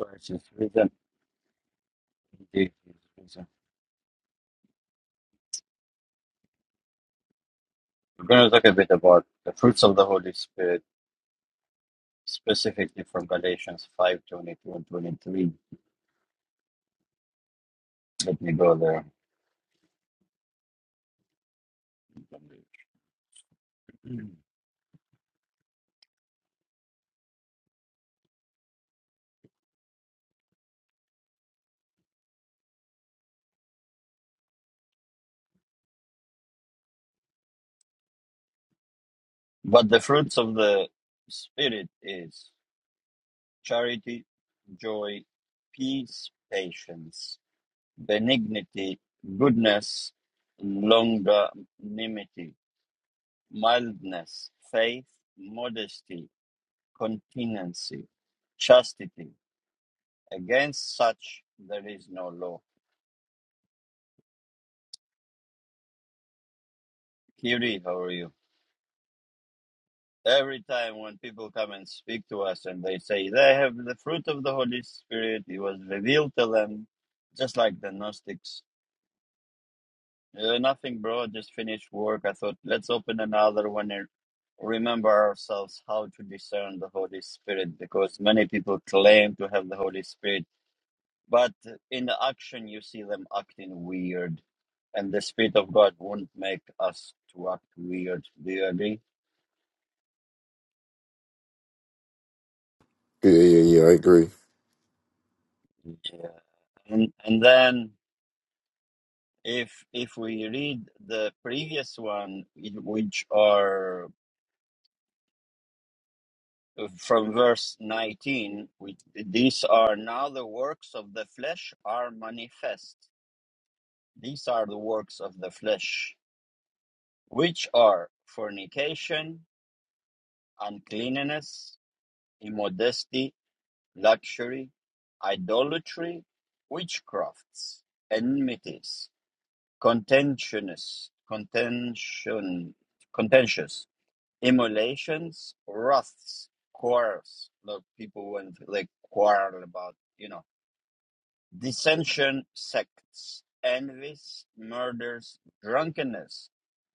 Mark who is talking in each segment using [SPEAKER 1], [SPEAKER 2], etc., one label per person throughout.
[SPEAKER 1] Christ is risen. Indeed, he is risen. We're going to talk a bit about the fruits of the Holy Spirit, specifically from Galatians five twenty two and 23. Let me go there. But the fruits of the Spirit is charity, joy, peace, patience, benignity, goodness, longanimity, mildness, faith, modesty, continency, chastity. Against such there is no law. Kiri, how are you? Every time when people come and speak to us and they say they have the fruit of the Holy Spirit, it was revealed to them, just like the Gnostics. "Uh, nothing, bro, just finished work. I thought, let's open another one and remember ourselves how to discern the Holy Spirit because many people claim to have the Holy Spirit but in the action you see them acting weird and the spirit of god won't make us to act weird do you agree
[SPEAKER 2] Yeah, yeah, yeah. I agree.
[SPEAKER 1] Yeah. and, and then if if we read the previous one in which are from verse 19 which, these are now the works of the flesh are manifest these are the works of the flesh which are fornication uncleanness immodesty luxury, idolatry, witchcrafts, enmities, contentious, contention, contentious, immolations, wraths, quarrels. Look, people when they quarrel about, you know, dissension, sects, envies, murders, drunkenness,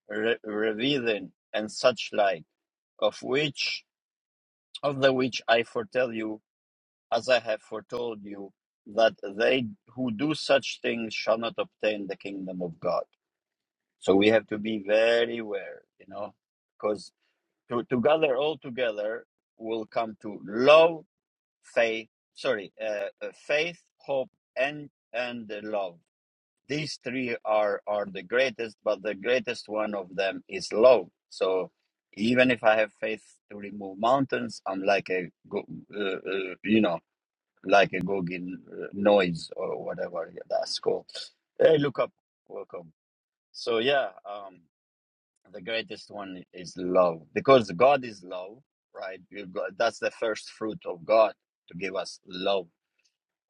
[SPEAKER 1] re- revealing, and such like, of which, of the which I foretell you as I have foretold you, that they who do such things shall not obtain the kingdom of God. So we have to be very aware, you know, because to, to gather all together will come to love, faith, sorry, uh, uh, faith, hope, and and uh, love. These three are are the greatest, but the greatest one of them is love. So even if I have faith to remove mountains, I'm like a, go- uh, uh, you know, like a Gogin uh, noise or whatever yeah, that's called. Hey, look up, welcome. So yeah, um, the greatest one is love because God is love, right? You got, that's the first fruit of God to give us love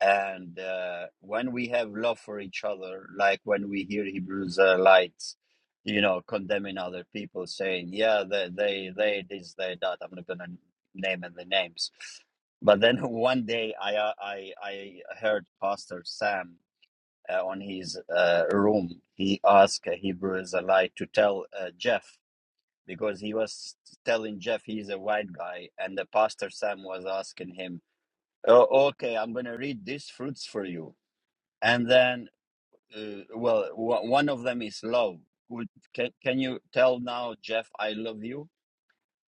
[SPEAKER 1] and uh, when we have love for each other like when we hear hebrew israelites you know condemning other people saying yeah they they they this they that i'm not gonna name the names but then one day i uh, i i heard pastor sam uh, on his uh, room he asked a hebrew israelite to tell uh, jeff because he was telling jeff he's a white guy and the pastor sam was asking him oh okay i'm gonna read these fruits for you and then uh, well w- one of them is love Would, can, can you tell now jeff i love you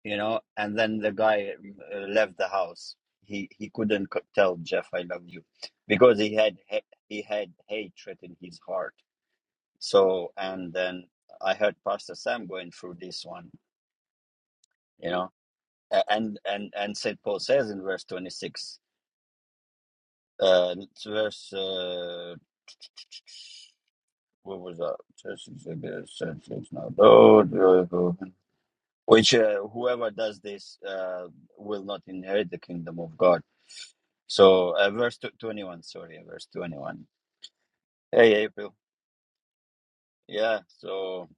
[SPEAKER 1] you know and then the guy uh, left the house he he couldn't co- tell jeff i love you because he had ha- he had hatred in his heart so and then i heard pastor sam going through this one you know A- and and and st paul says in verse 26 uh, verse uh, what was up? Just exhibit essentials. Now, those. those, those. Which uh, whoever does this uh, will not inherit the kingdom of God. So, uh, verse tw- 21, sorry, uh, verse 21. Hey, April. Yeah, so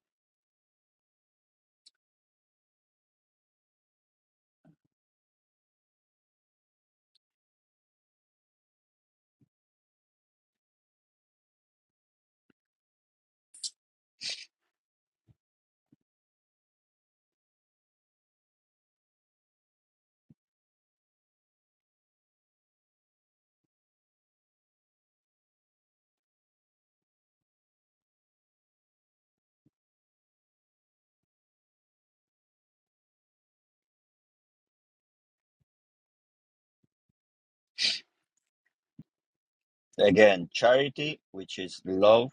[SPEAKER 1] again, charity, which is love,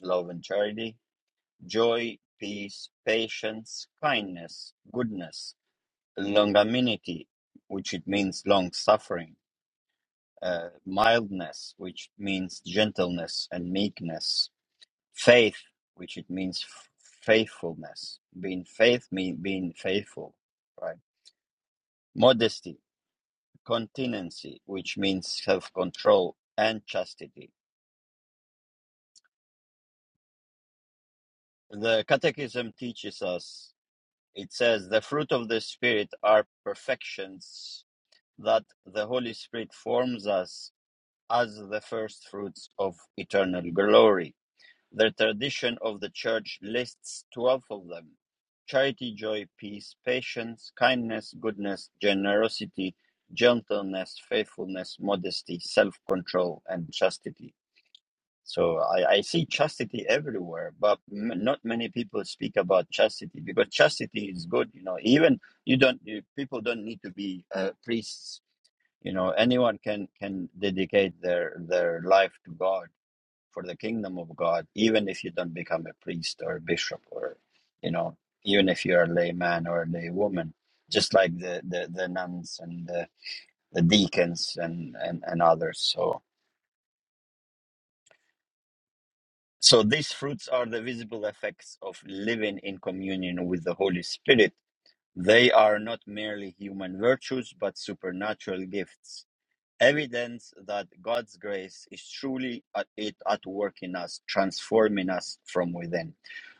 [SPEAKER 1] love and charity, joy, peace, patience, kindness, goodness, longanimity, which it means long suffering, uh, mildness, which means gentleness and meekness, faith, which it means f- faithfulness. Being faith mean being faithful, right? Modesty, continency, which means self-control and chastity. The Catechism teaches us. It says the fruit of the Spirit are perfections that the Holy Spirit forms us as the first fruits of eternal glory. The tradition of the Church lists twelve of them: charity, joy, peace, patience, kindness, goodness, generosity, gentleness, faithfulness, modesty, self-control, and chastity. So I, I see chastity everywhere, but m- not many people speak about chastity because chastity is good. You know, even you don't you, people don't need to be uh, priests. You know, anyone can can dedicate their their life to God for the kingdom of God, even if you don't become a priest or a bishop or, you know, even if you're a layman or a laywoman, just like the, the, the nuns and the, the deacons and, and, and others. So, so these fruits are the visible effects of living in communion with the Holy Spirit. They are not merely human virtues, but supernatural gifts evidence that God's grace is truly at it at work in us, transforming us from within.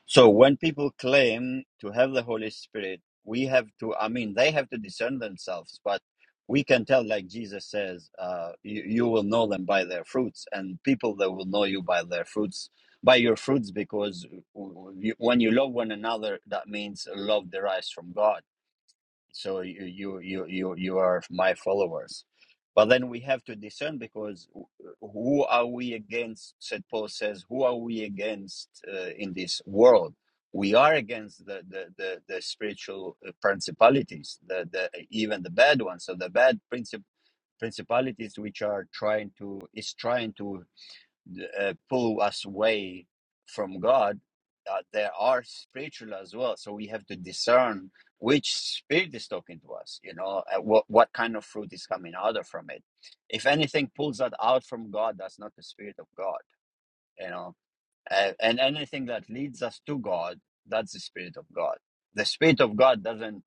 [SPEAKER 1] So when people claim to have the Holy Spirit, we have to, I mean, they have to discern themselves, but we can tell, like Jesus says, uh, you, you will know them by their fruits, and people that will know you by their fruits, by your fruits, because you, when you love one another, that means love derives from God so you you you you you are my followers but then we have to discern because who are we against said paul says who are we against uh, in this world we are against the the the, the spiritual uh, principalities the, the even the bad ones so the bad princip- principalities which are trying to is trying to uh, pull us away from God, uh, there are spiritual as well. So we have to discern which spirit is talking to us. You know, uh, what what kind of fruit is coming out of from it. If anything pulls that out from God, that's not the spirit of God. You know, uh, and anything that leads us to God, that's the spirit of God. The spirit of God doesn't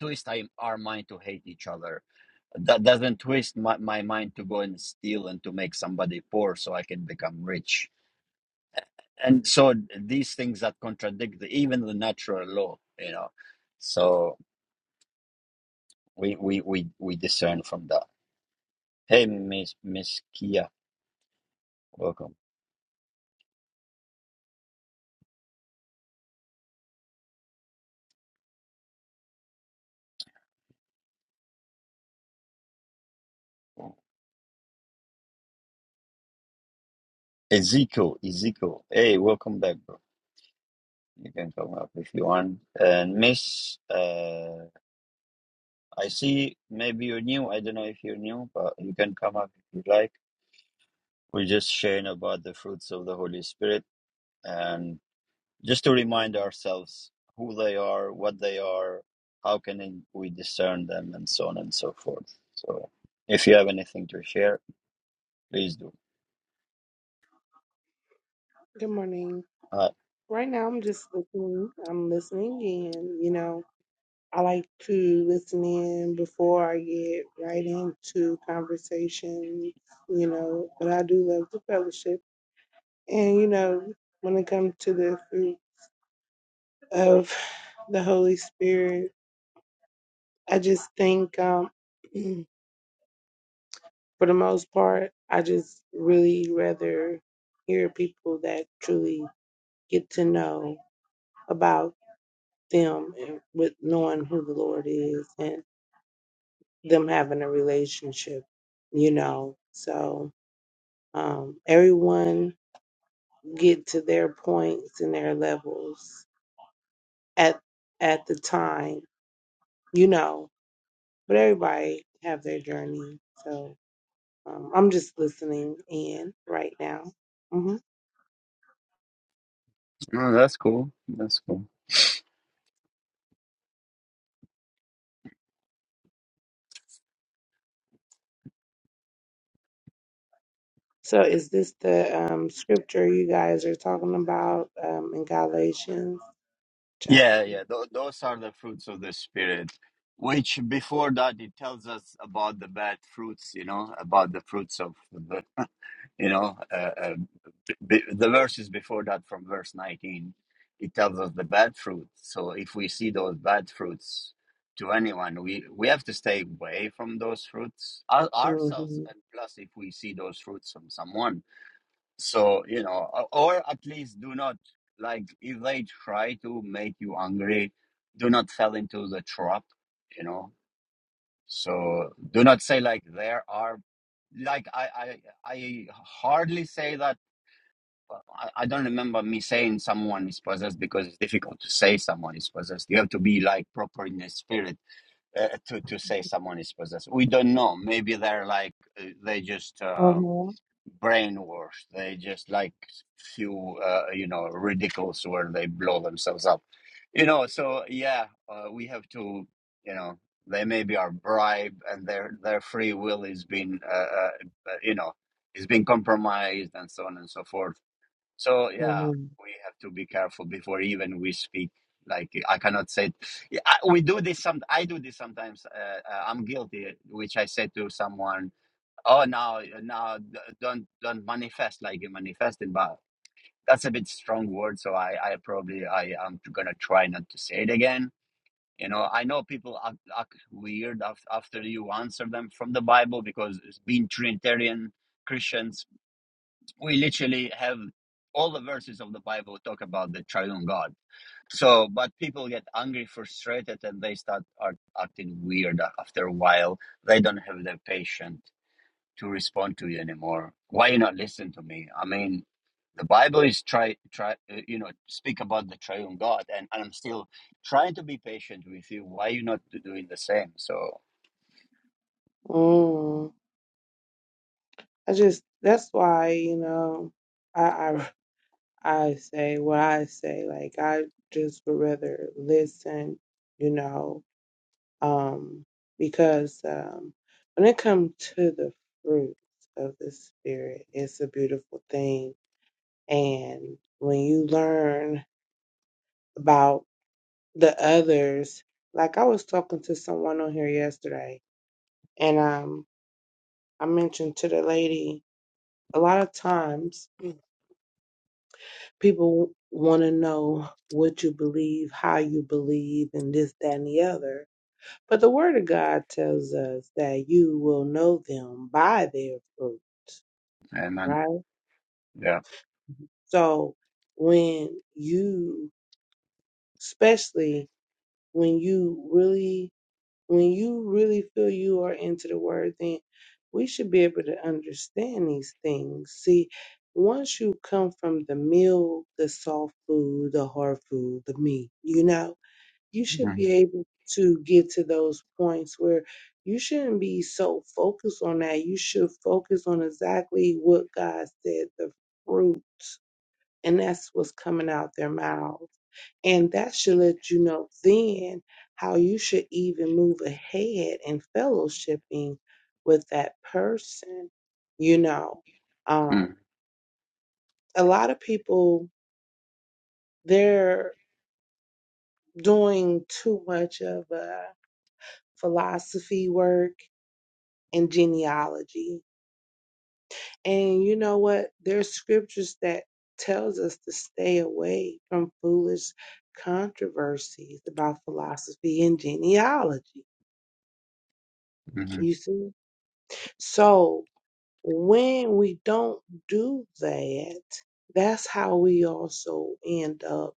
[SPEAKER 1] twist our mind to hate each other. That doesn't twist my, my mind to go and steal and to make somebody poor so I can become rich and so these things that contradict the, even the natural law you know so we we we, we discern from that hey miss miss kia welcome ezekiel ezekiel hey welcome back bro you can come up if you want and miss uh i see maybe you're new i don't know if you're new but you can come up if you like we're just sharing about the fruits of the holy spirit and. just to remind ourselves who they are, what they are, how can we discern them, and so on and so forth. So, if you have anything to share, please do.
[SPEAKER 3] Good morning.
[SPEAKER 1] Uh,
[SPEAKER 3] Right now, I'm just listening. I'm listening in. You know, I like to listen in before I get right into conversations, you know, but I do love the fellowship. And, you know, when it comes to the fruit of the Holy Spirit, I just think, um, for the most part, I just really rather hear people that truly get to know about them and with knowing who the Lord is and them having a relationship, you know. So um, everyone get to their points and their levels at at the time, you know. But everybody have their journey. So um, I'm just listening in right now. hmm
[SPEAKER 1] Oh, that's cool. That's cool.
[SPEAKER 3] So is this the um, scripture you guys are talking about um, in Galatians chapter?
[SPEAKER 1] yeah, yeah, th- those are the fruits of the Spirit, which before that it tells us about the bad fruits, you know, about the fruits of the, you know. uh, uh, Be- the verses before that from verse 19 it tells us the bad fruit so if we see those bad fruits to anyone we we have to stay away from those fruits our, ourselves
[SPEAKER 3] hmm
[SPEAKER 1] and plus if we see those fruits from someone so you know o- or at least do not like if they try to make you angry do not fall into the trap you know so do not say like there are like i i i hardly say that I, I don't remember me saying someone is possessed because it's difficult to say someone is possessed. You have to be like proper in the spirit uh, to to say someone is possessed. We don't know. Maybe they're like uh, they just uh,
[SPEAKER 3] Uh-huh.
[SPEAKER 1] brainwashed. They just like few uh, you know ridicules where they blow themselves up. You know. So yeah, uh, we have to you know they maybe are bribed and their their free will is being uh, uh, uh, you know is being compromised and so on and so forth so yeah, we have to be careful before even we speak. Like I cannot say, Yeah, I, we do this. Some I do this sometimes. Uh, uh, I'm guilty, which I said to someone. Oh, now, now, d- don't don't manifest like you manifested. But that's a bit strong word. So I, I probably I am gonna try not to say it again. You know, I know people act, act weird af- after you answer them from the Bible because it's been Trinitarian Christians we literally have all the verses of the Bible talk about the triune God. So, but people get angry, frustrated, and they start art, acting weird after a while. They don't have the patience to respond to you anymore. Why you not listen to me? I mean, the Bible is try try uh, you know speak about the triune God, and, and I'm still trying to be patient with you. Why you not doing the same? So,
[SPEAKER 3] Mm, I just that's why, you know, I I I say what I say. Like I just would rather listen, you know, um, because um when it comes to the fruits of the spirit, it's a beautiful thing. And when you learn about the others, like I was talking to someone on here yesterday, and um I mentioned to the lady a lot of times people want to know what you believe, how you believe, and this, that, and the other. But the Word of God tells us that you will know them by their fruit,
[SPEAKER 1] amen.
[SPEAKER 3] right?
[SPEAKER 1] Yeah.
[SPEAKER 3] So when you, especially when you really, when you really feel you are into the Word, then we should be able to understand these things. See, once you come from the meal, the soft food, the hard food, the meat, you know, you should be
[SPEAKER 1] Mm-hmm.
[SPEAKER 3] able to get to those points where you shouldn't be so focused on that. You should focus on exactly what God said, the fruit, and that's what's coming out their mouths. And that should let you know then how you should even move ahead in fellowshipping with that person. You know, um,
[SPEAKER 1] Mm-hmm.
[SPEAKER 3] a lot of people, they're doing too much of a philosophy work and genealogy. And you know what? There's scriptures that tells us to stay away from foolish controversies about philosophy and genealogy.
[SPEAKER 1] Mm-hmm.
[SPEAKER 3] You see? So when we don't do that, that's how we also end up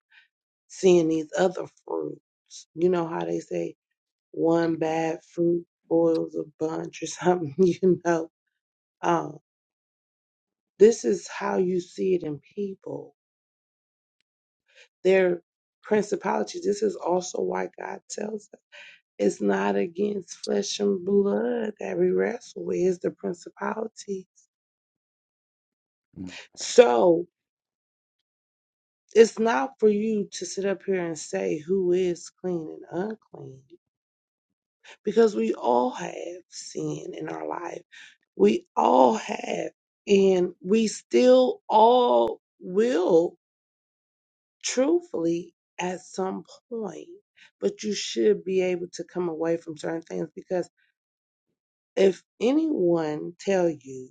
[SPEAKER 3] seeing these other fruits. You know how they say one
[SPEAKER 1] Mm-hmm.
[SPEAKER 3] bad fruit spoils a bunch or something, you know. Um, this is how you see it in people Their principalities. This is also why God tells us it's not against flesh and blood that we wrestle with, it's the principalities.
[SPEAKER 1] Mm-hmm.
[SPEAKER 3] So it's not for you to sit up here and say who is clean and unclean, because we all have sin in our life. We all have, and we still all will, truthfully, at some point. But you should be able to come away from certain things because If anyone tell you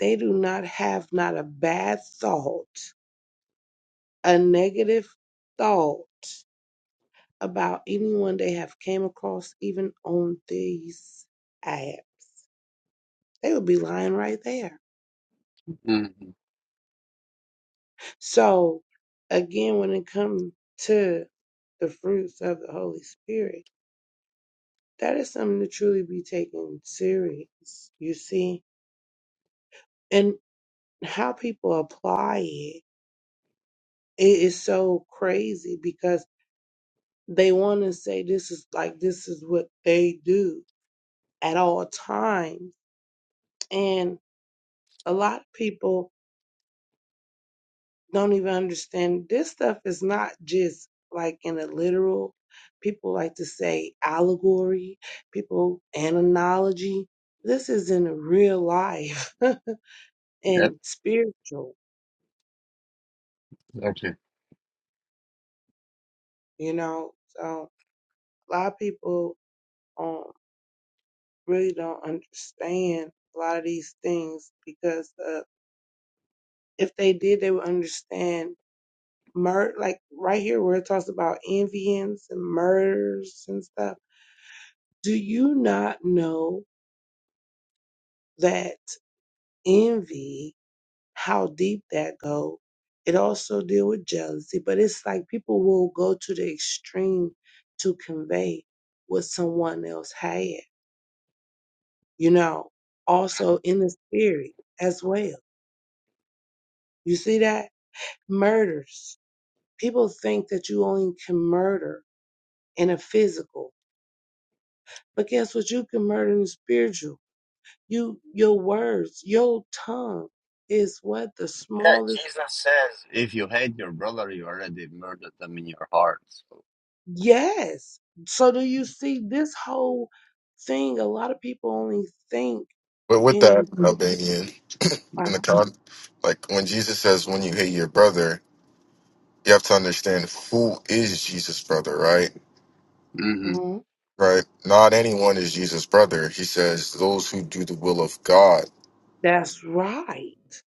[SPEAKER 3] they do not have not a bad thought, a negative thought about anyone they have came across even on these apps, they would be lying right there.
[SPEAKER 1] Mm-hmm.
[SPEAKER 3] So again, when it comes to the fruits of the Holy Spirit, that is something to truly be taken serious, you see? And how people apply it it is so crazy because. They want to say this is like this is what they do at all times. And a lot of people don't even understand this stuff is not just like in a literal. People like to say allegory, people and analogy. This is in real life and
[SPEAKER 1] Yep.
[SPEAKER 3] spiritual,
[SPEAKER 1] Exactly.
[SPEAKER 3] you know. So a lot of people um, really don't understand a lot of these things because uh, if they did, they would understand murder, like right here where it talks about envyings and murders and stuff. Do you not know that envy, how deep that goes. It also deal with jealousy, but it's like people will go to the extreme to convey what someone else had, you know, also in the spirit as well. You see that? Murders. People think that you only can murder in a physical. But guess what? You can murder in the spiritual. You, your words, your tongue is what the
[SPEAKER 1] Yeah,
[SPEAKER 3] smallest.
[SPEAKER 1] Jesus says, if you hate your brother, you already murdered them in your heart.
[SPEAKER 3] Yes. So do you see this whole thing? A lot of people only think
[SPEAKER 2] But with
[SPEAKER 3] in.
[SPEAKER 2] that, Albanian, in the con, like when Jesus says, when you hate your brother, you have to understand who is Jesus' brother, right?
[SPEAKER 1] hmm
[SPEAKER 3] hmm
[SPEAKER 2] Right? Not anyone is Jesus' brother. He says, those who do the will of God.
[SPEAKER 3] That's right.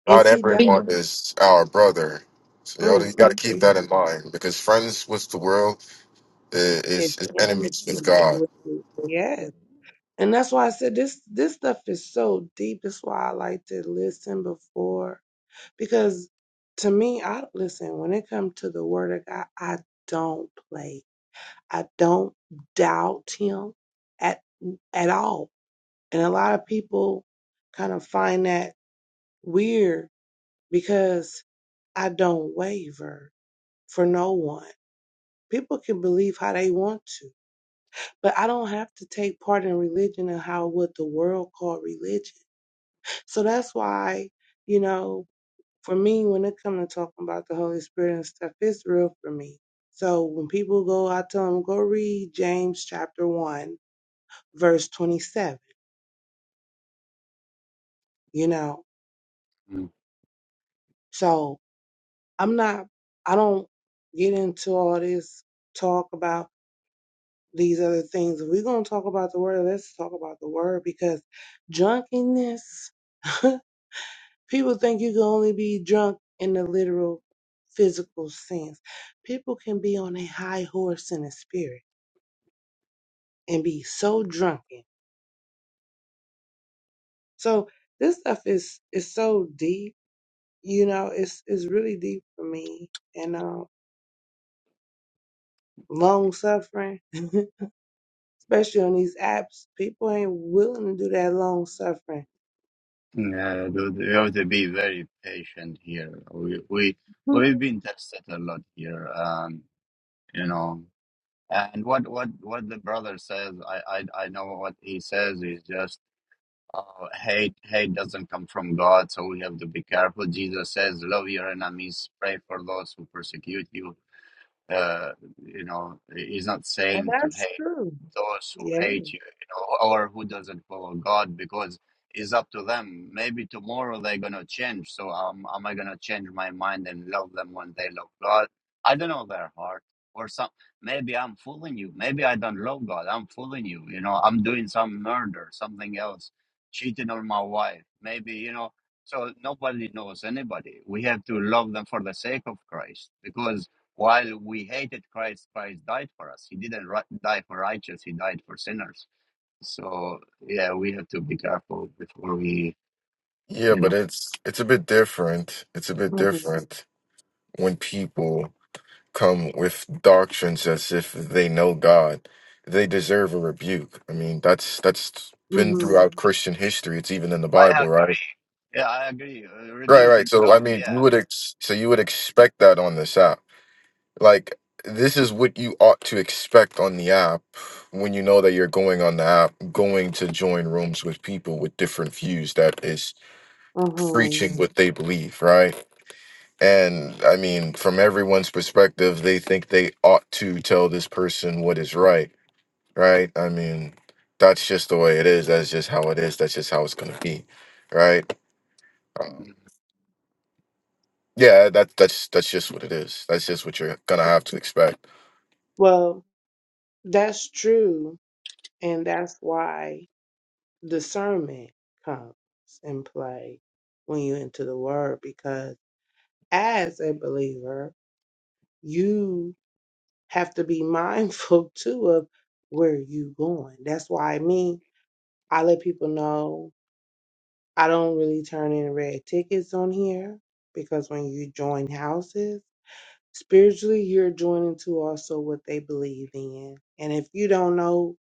[SPEAKER 3] And
[SPEAKER 2] Not
[SPEAKER 3] see that.
[SPEAKER 2] everyone is our brother. So you, gotta- you got to
[SPEAKER 3] Mm-mm.
[SPEAKER 2] keep that in mind because friends with the world i-
[SPEAKER 3] It's
[SPEAKER 2] is, is enemies with
[SPEAKER 3] damaging
[SPEAKER 2] God.
[SPEAKER 3] with it. Yes. And that's why I said this. This stuff is so deep. That's why I like to listen before. Because to me, I listen, when it comes to the word of God, I don't play. I don't doubt him at at all. And a lot of people kind of find that weird because I don't waver for no one. People can believe how they want to, but I don't have to take part in religion and how what the world called religion. So that's why, you know, for me, when it comes to talking about the Holy Spirit and stuff, it's real for me. So when people go, I tell them, go read James chapter 1, verse 27, you know. So I'm not, I don't get into all this talk about these other things. If we're going to talk about the word, let's talk about the word because drunkenness, people think you can only be drunk in the literal physical sense. People can be on a high horse in the spirit and be so drunken. So this stuff is is so deep, you know, it's it's really deep for me. And um long suffering, especially on these apps, people ain't willing to do that long suffering.
[SPEAKER 1] Yeah, dude, you have to be very patient here. We we
[SPEAKER 3] Mhm.
[SPEAKER 1] we've been tested a lot here, um, you know. And what what what the brother says, I I I know what he says is just uh, hate hate doesn't come from God, so we have to be careful. Jesus says, love your enemies, pray for those who persecute you uh, you know, is not
[SPEAKER 3] And
[SPEAKER 1] saying to
[SPEAKER 3] that's
[SPEAKER 1] hate
[SPEAKER 3] true.
[SPEAKER 1] those who
[SPEAKER 3] Yeah.
[SPEAKER 1] hate you, you know, or who doesn't follow God, because it's up to them. Maybe tomorrow they're gonna change. So um, am I gonna change my mind and love them when they love God? I don't know their heart or some. Maybe I'm fooling you. Maybe I don't love God. I'm fooling you. You know, I'm doing some murder, something else, cheating on my wife. Maybe you know. So nobody knows anybody. We have to love them for the sake of Christ, because while we hated Christ, Christ died for us. He didn't ri- die for righteous, he died for sinners. So, yeah, we have to be careful before we,
[SPEAKER 2] Yeah,
[SPEAKER 1] you
[SPEAKER 2] but
[SPEAKER 1] know.
[SPEAKER 2] it's it's a bit different. It's a bit
[SPEAKER 3] Mhm.
[SPEAKER 2] different when people come with doctrines as if they know God, they deserve a rebuke. I mean, that's that's been
[SPEAKER 3] Mhm.
[SPEAKER 2] throughout Christian history. It's even in the
[SPEAKER 1] I
[SPEAKER 2] Bible, right?
[SPEAKER 1] agree. Yeah, I agree. Uh,
[SPEAKER 2] Right,
[SPEAKER 1] rebuke
[SPEAKER 2] right.
[SPEAKER 1] in
[SPEAKER 2] So I
[SPEAKER 1] love.
[SPEAKER 2] mean, you would
[SPEAKER 1] Yeah,
[SPEAKER 2] ex- so you would expect that on this app. Like this is what you ought to expect on the app when you know that you're going on the app, going to join rooms with people with different views that is
[SPEAKER 3] Mhm.
[SPEAKER 2] preaching what they believe, right? And I mean, from everyone's perspective, they think they ought to tell this person what is right, right? I mean, that's just the way it is. That's just how it is. That's just how it's gonna be, right? Um,
[SPEAKER 1] yeah. Mm,
[SPEAKER 2] yeah, that that's that's just what it is. That's just what you're gonna have to expect.
[SPEAKER 3] Well, that's true, and that's why discernment comes in play when you enter the word because as a believer, you have to be mindful too of where you going. That's why me, I let people know I don't really turn in red tickets on here because when you join houses. Spiritually, you're joining to also what they believe in. And if you don't know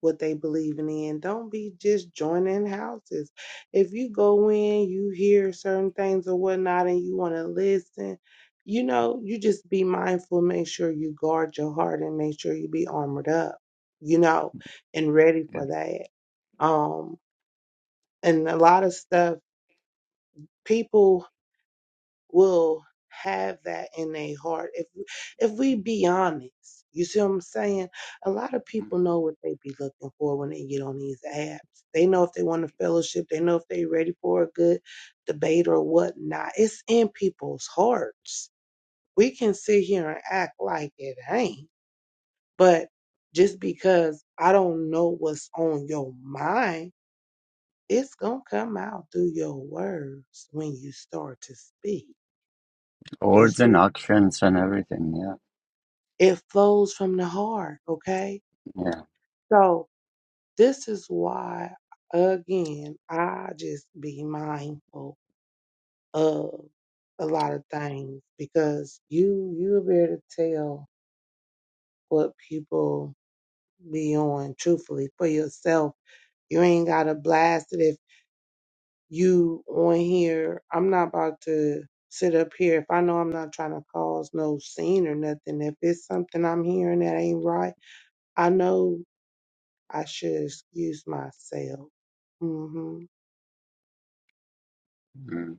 [SPEAKER 3] what they believe in, don't be just joining houses. If you go in, you hear certain things or whatnot, and you want to listen, you know, you just be mindful, make sure you guard your heart and make sure you be armored up, you know, and ready
[SPEAKER 1] yeah.
[SPEAKER 3] for that. Um, and a lot of stuff, people will have that in their heart if if we be honest you see what i'm saying a lot of
[SPEAKER 1] Mm.
[SPEAKER 3] people know what they be looking for when they get on these apps they know if they want a fellowship they know if they ready for a good debate or whatnot it's in people's hearts we can sit here and act like it ain't but just because i don't know what's on your mind it's gonna come out through your words when you start to speak you
[SPEAKER 1] Words
[SPEAKER 3] see
[SPEAKER 1] and actions and everything. Yeah,
[SPEAKER 3] It flows from the heart, okay?
[SPEAKER 1] yeah.
[SPEAKER 3] So this is why, again, I just be mindful of a lot of things because you you be able to tell what people be on truthfully for yourself. You ain't gotta blast it if you on here. I'm not about to sit up here if I know I'm not trying to cause no scene or nothing. If it's something I'm hearing that ain't right, I know I should excuse myself. Mm-hmm.
[SPEAKER 1] Mm.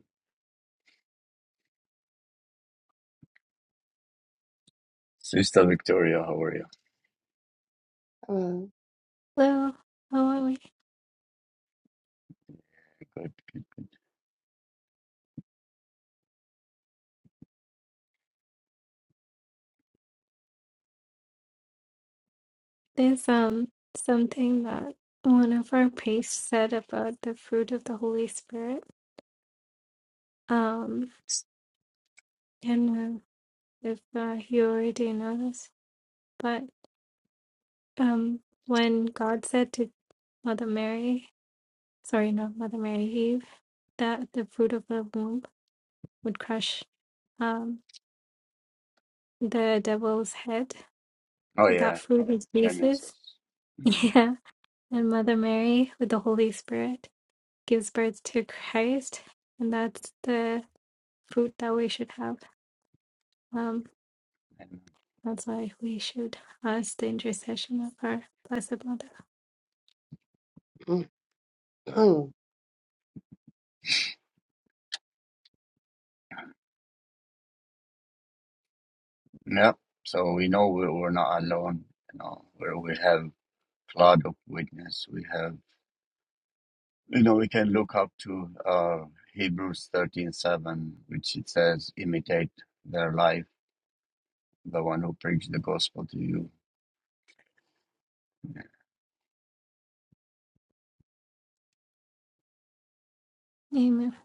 [SPEAKER 1] Sister Victoria, how are you?
[SPEAKER 3] Uh,
[SPEAKER 4] Hello, how
[SPEAKER 1] Good.
[SPEAKER 4] There's um something that one of our priests said about the fruit of the Holy Spirit. Um, and uh, if uh, you already know this, but um, when God said to Mother Mary, sorry, not Mother Mary, Eve, that the fruit of the womb would crush um the devil's head,
[SPEAKER 1] Oh,
[SPEAKER 4] so
[SPEAKER 1] yeah,
[SPEAKER 4] that fruit is Jesus.
[SPEAKER 1] Genesis. Mm.
[SPEAKER 4] Yeah, and Mother Mary with the Holy Spirit. gives birth to Christ, and that's the fruit that we should have. Um,
[SPEAKER 1] And-
[SPEAKER 4] that's why we should ask the intercession of our Blessed Mother.
[SPEAKER 1] Yeah, so we know we- we're not alone. You know, where we have cloud of witness, we have. You know, we can look up to uh, Hebrews thirteen seven, which it says, imitate their life, the one who preached the gospel to you.
[SPEAKER 4] Amen.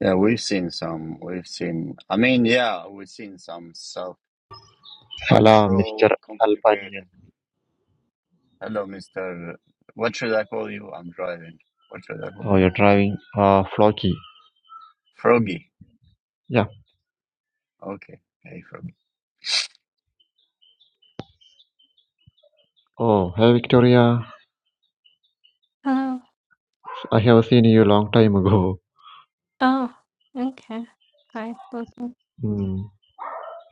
[SPEAKER 1] Yeah, we've seen some. We've seen, I mean, yeah, we've seen some self
[SPEAKER 5] Hello, Mr.
[SPEAKER 1] control,
[SPEAKER 5] Albanian.
[SPEAKER 1] complicated. Hello, Mr. What should I call you? I'm driving. What should I call
[SPEAKER 5] Oh,
[SPEAKER 1] you?
[SPEAKER 5] you're driving uh, Flocky.
[SPEAKER 1] Froggy.
[SPEAKER 5] Yeah.
[SPEAKER 1] Okay. Hey, Froggy.
[SPEAKER 5] Oh, hey, Victoria.
[SPEAKER 4] Hello.
[SPEAKER 5] I have seen you long time ago.
[SPEAKER 4] oh, okay. Hi, welcome.
[SPEAKER 5] Hmm.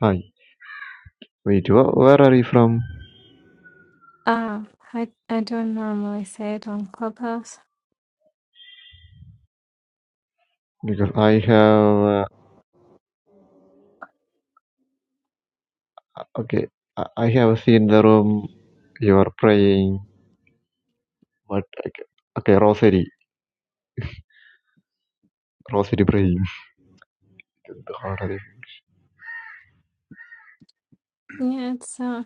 [SPEAKER 5] Hi. Wait, wh- where are you from?
[SPEAKER 4] Um, I I don't normally say it on Clubhouse.
[SPEAKER 5] Because I have, uh, okay, I I have seen the room you are praying, but, okay, okay, Rosary. Rosary praying. The
[SPEAKER 4] Yeah, it's uh,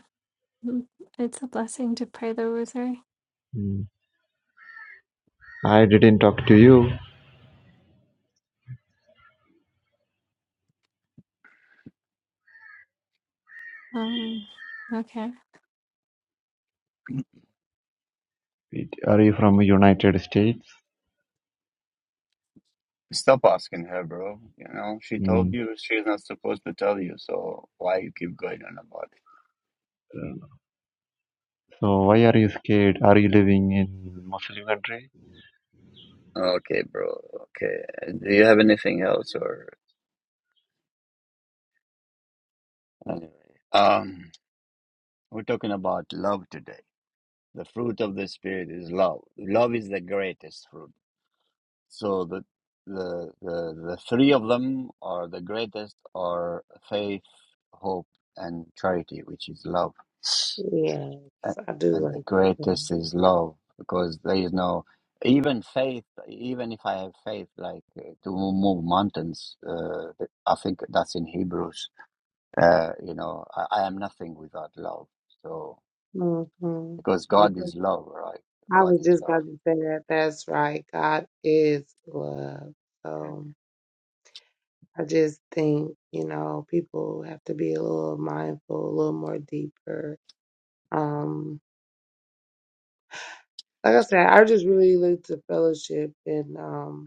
[SPEAKER 4] mm, it's a blessing to pray the Rosary.
[SPEAKER 5] Hmm. I didn't talk to you.
[SPEAKER 4] Um, okay.
[SPEAKER 5] Wait, Are you from United States?
[SPEAKER 1] Stop asking her, bro. You know, she
[SPEAKER 5] Hmm.
[SPEAKER 1] told you she's not supposed to tell you, so why you keep going on about it?
[SPEAKER 5] So why are you scared? Are you living in Muslim country?
[SPEAKER 1] Okay, bro. Okay. Do you have anything else or anyway? Um, we're talking about love today. The fruit of the spirit is love. Love is the greatest fruit. So the the the, the three of them are the greatest are faith, hope, and charity, which is love.
[SPEAKER 3] yes,
[SPEAKER 1] and,
[SPEAKER 3] I do like
[SPEAKER 1] and the
[SPEAKER 3] that.
[SPEAKER 1] greatest is love because there is no even faith even if i have faith like uh, to move mountains uh, i think that's in hebrews uh, you know I, I am nothing without love so
[SPEAKER 3] Mm-hmm.
[SPEAKER 1] because god
[SPEAKER 3] Because
[SPEAKER 1] is love right
[SPEAKER 3] I
[SPEAKER 1] god
[SPEAKER 3] was
[SPEAKER 1] is
[SPEAKER 3] just
[SPEAKER 1] love
[SPEAKER 3] about to say that. That's right. God is love.
[SPEAKER 1] Mm.
[SPEAKER 3] So I just think, you know, people have to be a little mindful, a little more deeper. Um, like I said, I just really look to fellowship and um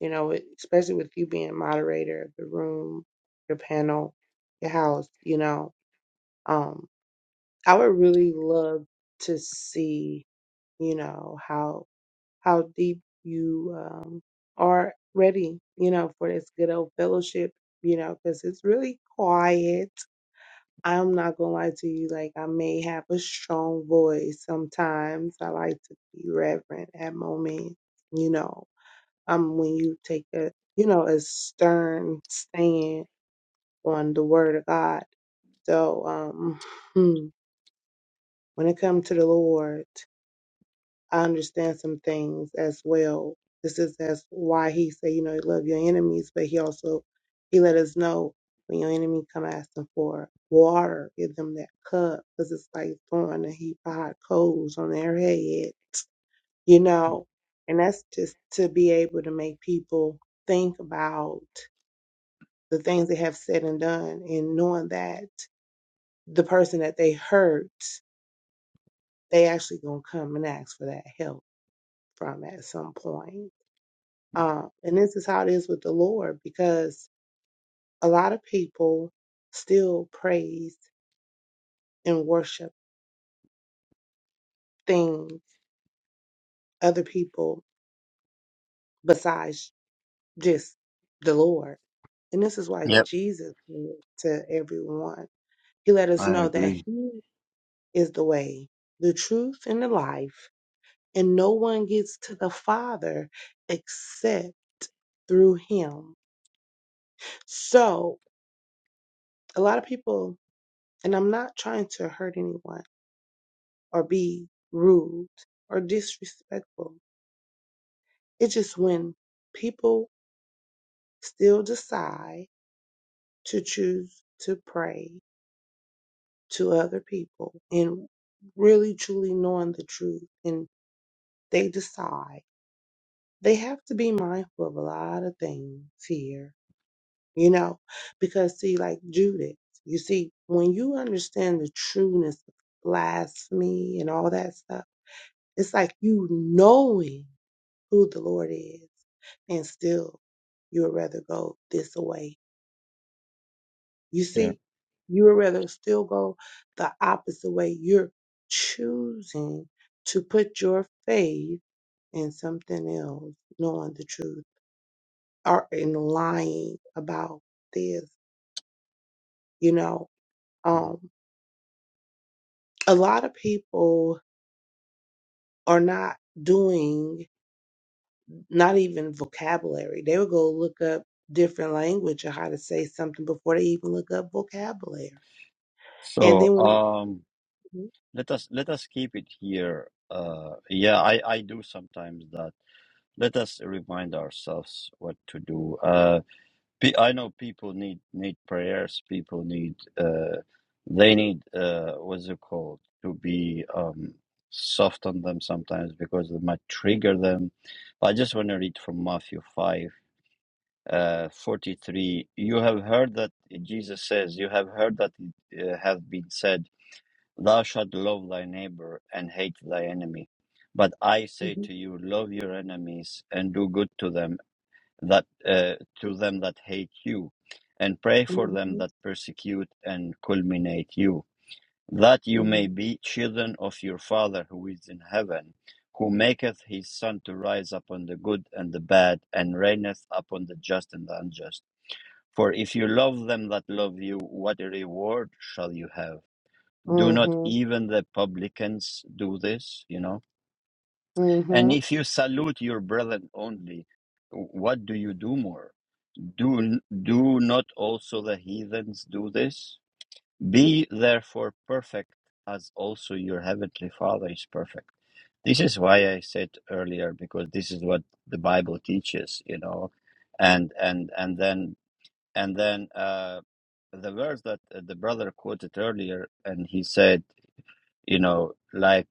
[SPEAKER 3] you know, it- especially with you being moderator of the room, your panel, your house, you know, um, I would really love to see, you know, how how deep you um, are ready, you know, for this good old fellowship, you know, because it's really quiet. I'm not gonna lie to you, like I may have a strong voice sometimes. I like to be reverent at moments, you know um, when you take a you know a stern stand on the word of God. So um, hmm, when it comes to the Lord, I understand some things as well. This is that's why He said, you know, love your enemies, but He also He let us know when your enemy come asking for water, give them that cup, because it's like throwing a heap of hot coals on their head, you know. And that's just to be able to make people think about. the things they have said and done and knowing that the person that they hurt they actually gonna come and ask for that help from at some point um, and this is how it is with the lord because a lot of people still praise and worship things other people besides just the lord and this is why
[SPEAKER 1] yep
[SPEAKER 3] jesus went to everyone he let us
[SPEAKER 1] i
[SPEAKER 3] know that
[SPEAKER 1] agree
[SPEAKER 3] he is the way the truth and the life And no one gets to the Father except through Him. So a lot of people, and I'm not trying to hurt anyone or be rude or disrespectful. It's just when people still decide to choose to pray to other people and really truly knowing the truth and they decide. They have to be mindful of a lot of things here you know? Because see, like Judith, you see, when you understand the trueness of blasphemy and all that stuff, it's like you knowing who the Lord is, and still you would rather go this way. You
[SPEAKER 1] yeah
[SPEAKER 3] see, you would rather still go the opposite way. You're choosing to put your faith in something else, knowing the truth, or in lying about this, you know.
[SPEAKER 1] Mhm.
[SPEAKER 3] Um, a lot of people are not doing not even vocabulary. They would go look up different language or how to say something before they even look up vocabulary. And
[SPEAKER 1] so
[SPEAKER 3] then when they
[SPEAKER 1] um let us let us keep it here uh yeah i i do sometimes that let us remind ourselves what to do Uh. Pe- I know people need need prayers. People need uh, they need uh, what's it called to be um, soft on them sometimes because it might trigger them. I just want to read from Matthew five uh, forty three. You have heard that Jesus says, "You have heard that it uh, have been said, Thou shalt love thy neighbor and hate thy enemy." But I say
[SPEAKER 3] Mhm,
[SPEAKER 1] to you, love your enemies and do good to them that uh, to them that hate you, and pray for them
[SPEAKER 3] mhm,
[SPEAKER 1] that persecute and culminate you, that you may
[SPEAKER 3] mhm,
[SPEAKER 1] be children of your Father who is in heaven, who maketh his sun to rise upon the good and the bad, and raineth upon the just and the unjust. For if you love them that love you, what reward shall you have? Do
[SPEAKER 3] mhm,
[SPEAKER 1] not
[SPEAKER 3] mhm,
[SPEAKER 1] even the publicans do this, you know? And
[SPEAKER 3] mhm,
[SPEAKER 1] if you salute your brethren only, what do you do more? Do, do not also the heathens do this? Be therefore perfect, as also your heavenly Father is perfect. This is why I said earlier, because this is what the Bible teaches, you know, and and and then and then uh, the verse that uh, the brother quoted earlier, and he said, you know, like.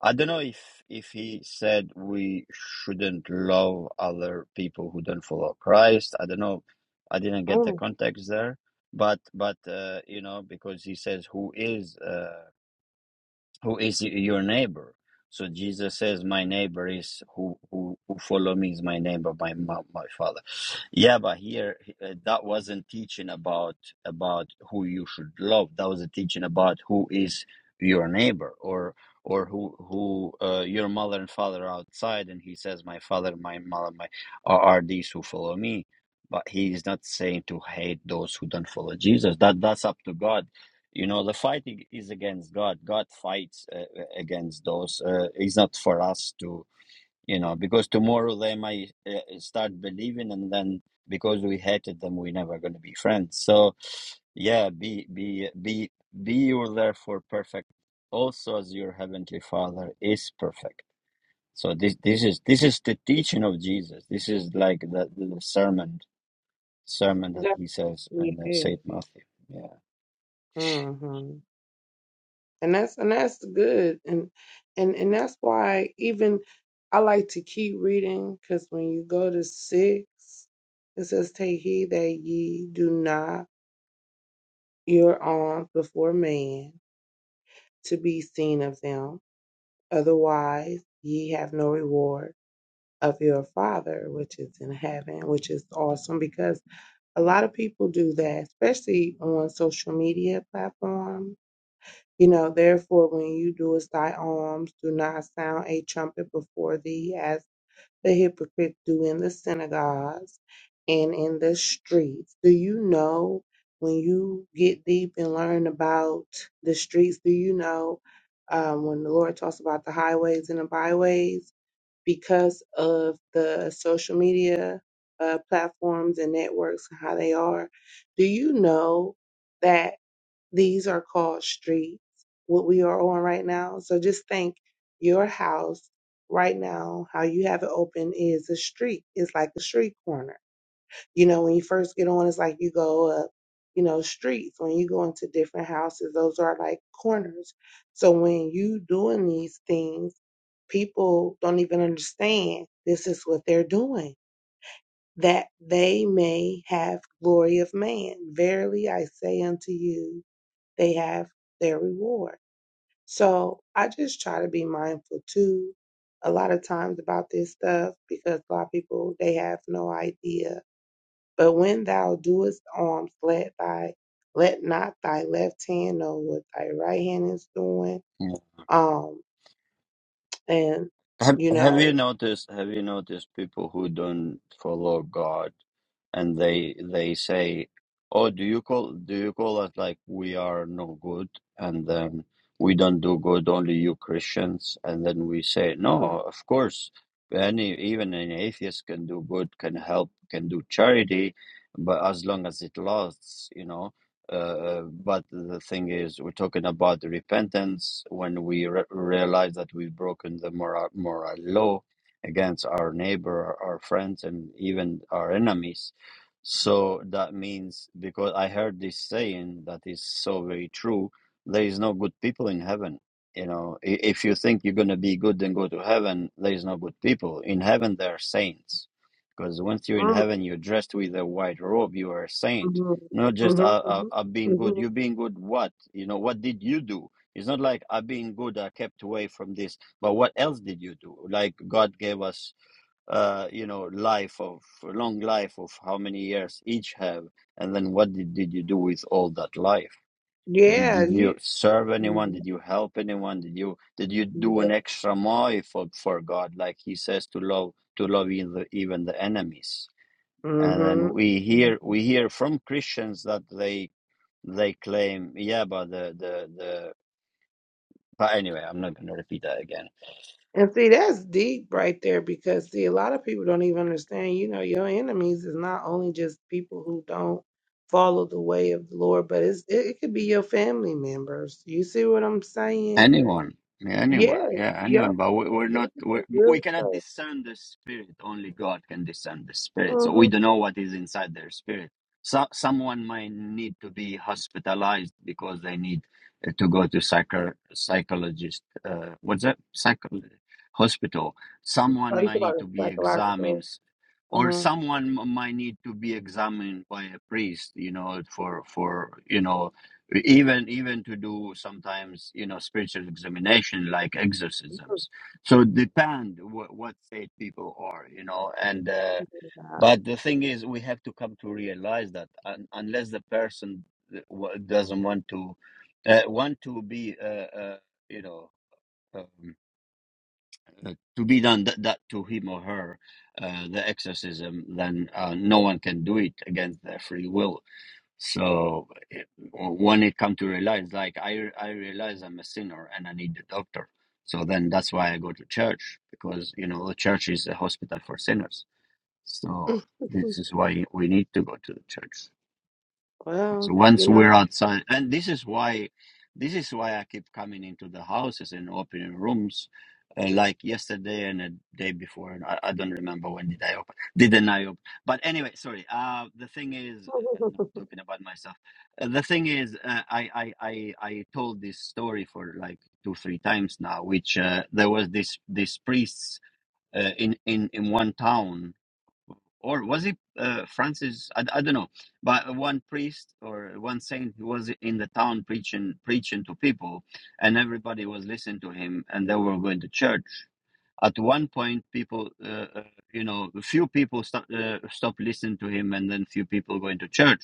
[SPEAKER 1] I don't know if if he said we shouldn't love other people who don't follow Christ. I don't know. I didn't get the
[SPEAKER 3] mhm.
[SPEAKER 1] context there, but but uh, you know because he says who is uh, who is your neighbor so jesus says my neighbor is who who, who follow me is my neighbor my my, my father yeah but here uh, that wasn't teaching about about who you should love that was a teaching about who is your neighbor or or who who uh, your mother and father are outside and he says my father my mother my are, are these who follow me but he is not saying to hate those who don't follow jesus that that's up to god you know the fighting is against god god fights uh, uh, against those uh, it's not for us to you know because tomorrow they might uh, start believing and then because we hated them we're never going to be friends so yeah be be be be you therefore perfect also as your heavenly father is perfect so this this is this is the teaching of jesus this is like the, the sermon sermon that
[SPEAKER 3] That's-
[SPEAKER 1] he says
[SPEAKER 3] yeah,
[SPEAKER 1] in uh, saint matthew yeah
[SPEAKER 3] mhm. And that's and that's good. And and and that's why even I like to keep reading because when you go to six, it says, "Take heed that ye do not." your alms before man to be seen of them. Otherwise, ye have no reward of your Father which is in heaven, which is awesome because a lot of people do that, especially on social media platforms. You know, therefore, when you do as thy alms, do not sound a trumpet before thee, as the hypocrites do in the synagogues and in the streets. Do you know when you get deep and learn about the streets? Do you know um, when the Lord talks about the highways and the byways? Because of the social media uh, platforms and networks and how they are, do you know that? These are called streets, what we are on right now. So just think your house right now, how you have it open is a street. It's like a street corner. You know, when you first get on, it's like you go up, you know, streets. When you go into different houses, those are like corners. So when you doing these things, people don't even understand this is what they're doing that they may have glory of man verily i say unto you they have their reward. So I just try to be mindful too a lot of times about this stuff because a lot of people they have no idea. But when thou doest arms, let thy let not thy left hand know what thy right hand is doing. Um and
[SPEAKER 1] Have
[SPEAKER 3] you
[SPEAKER 1] Have you
[SPEAKER 3] know
[SPEAKER 1] noticed? Have you noticed people who don't follow God, and they they say, "Oh, do you call do you call us like we are no good, and then we don't do good, only you Christians?" And then we say, "No, of course, any even an atheist can do good, can help, can do charity, but as long as it lasts, you know." Uh, but the thing is, we're talking about repentance when we re- realize that we've broken the moral, moral law against our neighbor, our friends, and even our enemies. So that means, because I heard this saying that is so very true, there is no good people in heaven. You know, i- if you think you're going to be good and go to heaven, there is no good people. In heaven, there are saints. Because once you're in
[SPEAKER 3] Mm, mm,
[SPEAKER 1] heaven, you're dressed with a white robe, you are a saint
[SPEAKER 3] mhm,
[SPEAKER 1] not just uh,
[SPEAKER 3] mhm,
[SPEAKER 1] uh,
[SPEAKER 3] mhm,
[SPEAKER 1] uh, being good.
[SPEAKER 3] mhm.
[SPEAKER 1] You being good, what? You know, what did you do? It's not like I being good, I uh, kept away from this. But what else did you do? Like God gave us, uh, you know, life of long life of how many years each have, and then what did, did you do with all that life? Did,
[SPEAKER 3] yeah,
[SPEAKER 1] did
[SPEAKER 3] you
[SPEAKER 1] you serve anyone?
[SPEAKER 3] mhm,
[SPEAKER 1] Did you help anyone? Did you did you do
[SPEAKER 3] yeah.
[SPEAKER 1] an extra mile for, for God? Like He says to love to love even the, even the enemies. And then we hear
[SPEAKER 3] hmm
[SPEAKER 1] we hear from Christians that they they claim, yeah, but the the the. But anyway, I'm not going to repeat that again.
[SPEAKER 3] And see, that's deep right there because see, a lot of people don't even understand, you know, your enemies is not only just people who don't follow the way of the Lord, but it's it, it could be your family members. You see what I'm saying?
[SPEAKER 1] Anyone, yeah, anyone,
[SPEAKER 3] Yeah,
[SPEAKER 1] yeah,
[SPEAKER 3] yeah.
[SPEAKER 1] anyone. But we, we're
[SPEAKER 3] They
[SPEAKER 1] not.
[SPEAKER 3] could be
[SPEAKER 1] We're,
[SPEAKER 3] real
[SPEAKER 1] we cannot
[SPEAKER 3] close.
[SPEAKER 1] discern the spirit. Only God can discern the spirit. So
[SPEAKER 3] Mm-hmm.
[SPEAKER 1] we don't know what is inside their spirit. So someone might need to be hospitalized because they need uh, to go to psycho psychologist. Uh, what's that? Psycho hospital.
[SPEAKER 3] Oh,
[SPEAKER 1] Someone
[SPEAKER 3] you
[SPEAKER 1] might
[SPEAKER 3] talking
[SPEAKER 1] need
[SPEAKER 3] about
[SPEAKER 1] to
[SPEAKER 3] the
[SPEAKER 1] be
[SPEAKER 3] psychological.
[SPEAKER 1] examined, or
[SPEAKER 3] Mm-hmm.
[SPEAKER 1] someone m- might need to be examined by a priest. You know, for for you know even even to do sometimes you know spiritual examination like exorcisms so it depend what, what state people are you know and uh, but the thing is we have to come to realize that un- unless the person w- doesn't want to uh, want to be uh, uh, you know um, uh, to be done that, that to him or her uh, the exorcism then uh, no one can do it against their free will so it, when it come to realize, like I I realize I'm a sinner and I need a doctor. So then that's why I go to church because you know the church is a hospital for sinners. So
[SPEAKER 3] God.
[SPEAKER 1] this is why we need to go to the church. Because
[SPEAKER 3] Well, you
[SPEAKER 1] once we're
[SPEAKER 3] know.
[SPEAKER 1] outside, and this is why, this is why I keep coming into the houses and opening rooms, uh, like yesterday and a day before, and I, I don't remember when did I open. Didn't I open? But anyway, sorry. Uh, the thing is, uh, no, I'm talking about myself. Uh, the thing is, uh, I, I I I told this story for like two three times now, which uh, there was this this priests uh, in in in one town or was it uh, Francis? I, I don't know. But one priest or one saint who was in the town preaching preaching to people, and everybody was listening to him, and they were going to church. At one point, people, uh, uh, you know, few people stop uh, stopped listening to him, and then few people going to church.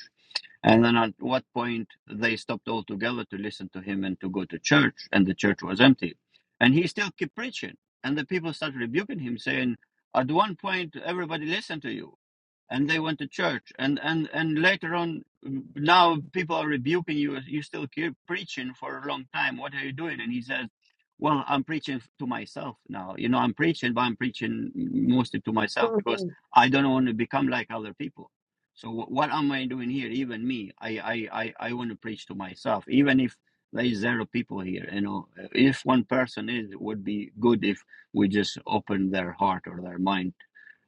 [SPEAKER 1] And then at what point they stopped altogether to listen to him and to go to church, and the church was empty, and he still kept preaching, and the people started rebuking him, saying, "At one point, everybody listened to you." and they went to church and and and later on mm, now people are rebuking you you still keep preaching for a long time what are you doing and he says well i'm preaching to myself now you know i'm preaching but i'm preaching mostly to myself because i don't want to become like other people so wh- what am i doing here even me i i i, I want to preach to myself even if there is zero people here you know if one person is it would be good if we just open their heart or their mind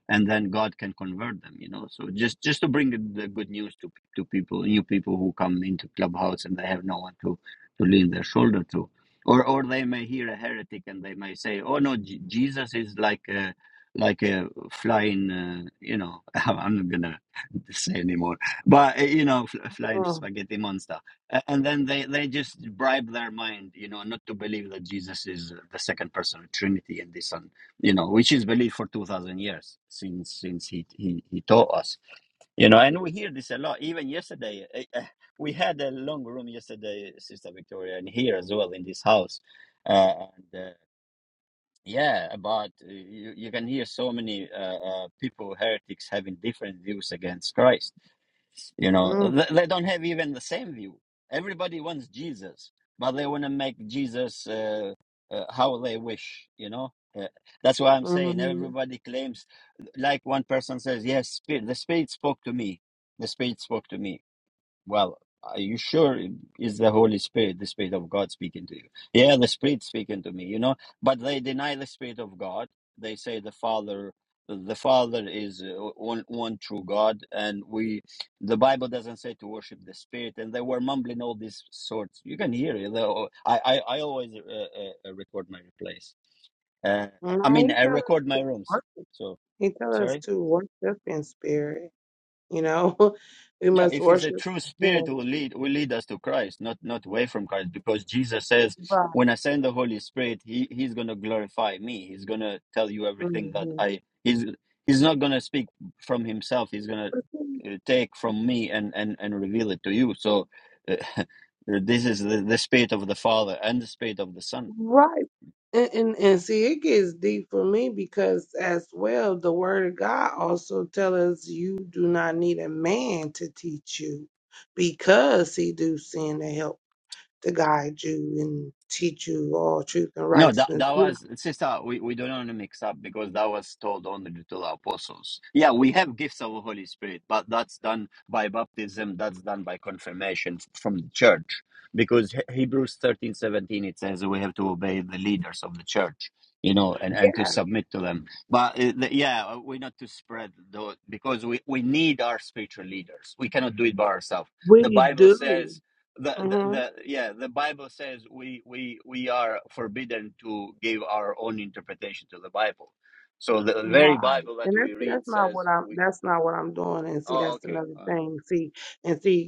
[SPEAKER 1] and then God can convert them, you know. So just just to bring the good news to to people, new people who come into clubhouse and they have no one to to lean their shoulder to, or or they may hear a heretic and they may say, "Oh no, J- Jesus is like a like a flying, uh, you know, I'm not gonna say anymore, but uh, you know, fl- flying
[SPEAKER 3] Mm,
[SPEAKER 1] spaghetti monster." A- And then they they just bribe their mind, you know, not to believe that Jesus is uh, the second person of Trinity and this and you know, which is believed for 2000 years since since he, he, he taught us, you know, and we hear this a lot. Even yesterday, eh, eh, we had a long room yesterday, Sister Victoria, and here as well in this house. Uh, and, uh, yeah, about uh, you, you can hear so many uh, uh, people, heretics, having different views against Christ you know,
[SPEAKER 3] mm,
[SPEAKER 1] they, they don't have even the same view. Everybody wants Jesus, but they want to make Jesus uh, uh, how they wish, you know. Uh, that's why I'm saying
[SPEAKER 3] mm.
[SPEAKER 1] everybody claims, like one person says, yes, spirit, the Spirit spoke to me. The Spirit spoke to me well, are you sure it is the Holy Spirit, the Spirit of God speaking to you? Yeah, the Spirit speaking to me, you know. But they deny the Spirit of God. They say the Father, the Father is uh, one, one true God, and we, the Bible doesn't say to worship the Spirit. And they were mumbling all these sorts. You can hear it. though. I, I, I always uh, uh, uh, record my replays. Uh, I
[SPEAKER 3] Nah,
[SPEAKER 1] mean,
[SPEAKER 3] he
[SPEAKER 1] I
[SPEAKER 3] telling
[SPEAKER 1] record
[SPEAKER 3] the
[SPEAKER 1] my rooms.
[SPEAKER 3] truth.
[SPEAKER 1] So
[SPEAKER 3] He tells
[SPEAKER 1] sorry.
[SPEAKER 3] us to worship in spirit. You know, we
[SPEAKER 1] Yeah,
[SPEAKER 3] must
[SPEAKER 1] if it's a
[SPEAKER 3] worship
[SPEAKER 1] true spirit,
[SPEAKER 3] him.
[SPEAKER 1] it will lead will lead us to Christ, not not away from Christ, because Jesus says,
[SPEAKER 3] Right.
[SPEAKER 1] "When I send the Holy Spirit, He He's gonna glorify me. He's gonna tell you everything that
[SPEAKER 3] hmm
[SPEAKER 1] I He's He's not gonna speak from Himself. He's gonna uh, take from me and and and reveal it to you. So, uh, this is the, the spirit of the Father and the spirit of the Son.
[SPEAKER 3] Right. And, and and see, it gets deep for me because as well, the Word of God also tells us you do not need a man to teach you, because He do send to help to guide you and teach you all truth and
[SPEAKER 1] No, that
[SPEAKER 3] righteousness.
[SPEAKER 1] that
[SPEAKER 3] You
[SPEAKER 1] was sister. We, we don't want to mix up because that was told only to the apostles. Yeah, we have gifts of the Holy Spirit, but that's done by baptism. That's done by confirmation f- from the church. Because He- Hebrews thirteen seventeen it says we have to obey the leaders of the church, you know, and
[SPEAKER 3] know,
[SPEAKER 1] and to
[SPEAKER 3] Yeah,
[SPEAKER 1] submit to them. But uh, the- yeah, we're not to spread those because we we need our spiritual leaders. We cannot do it by ourselves. The
[SPEAKER 3] we
[SPEAKER 1] Bible
[SPEAKER 3] do.
[SPEAKER 1] says the, the,
[SPEAKER 3] Mm-hmm.
[SPEAKER 1] the yeah the bible says we we we are forbidden to give our own interpretation to the bible so the very
[SPEAKER 3] Right.
[SPEAKER 1] bible that
[SPEAKER 3] And that's
[SPEAKER 1] we read
[SPEAKER 3] that's not
[SPEAKER 1] says
[SPEAKER 3] what I'm
[SPEAKER 1] we
[SPEAKER 3] that's not what I'm doing. And see,
[SPEAKER 1] oh
[SPEAKER 3] that's
[SPEAKER 1] okay
[SPEAKER 3] another
[SPEAKER 1] uh,
[SPEAKER 3] thing. See, and see,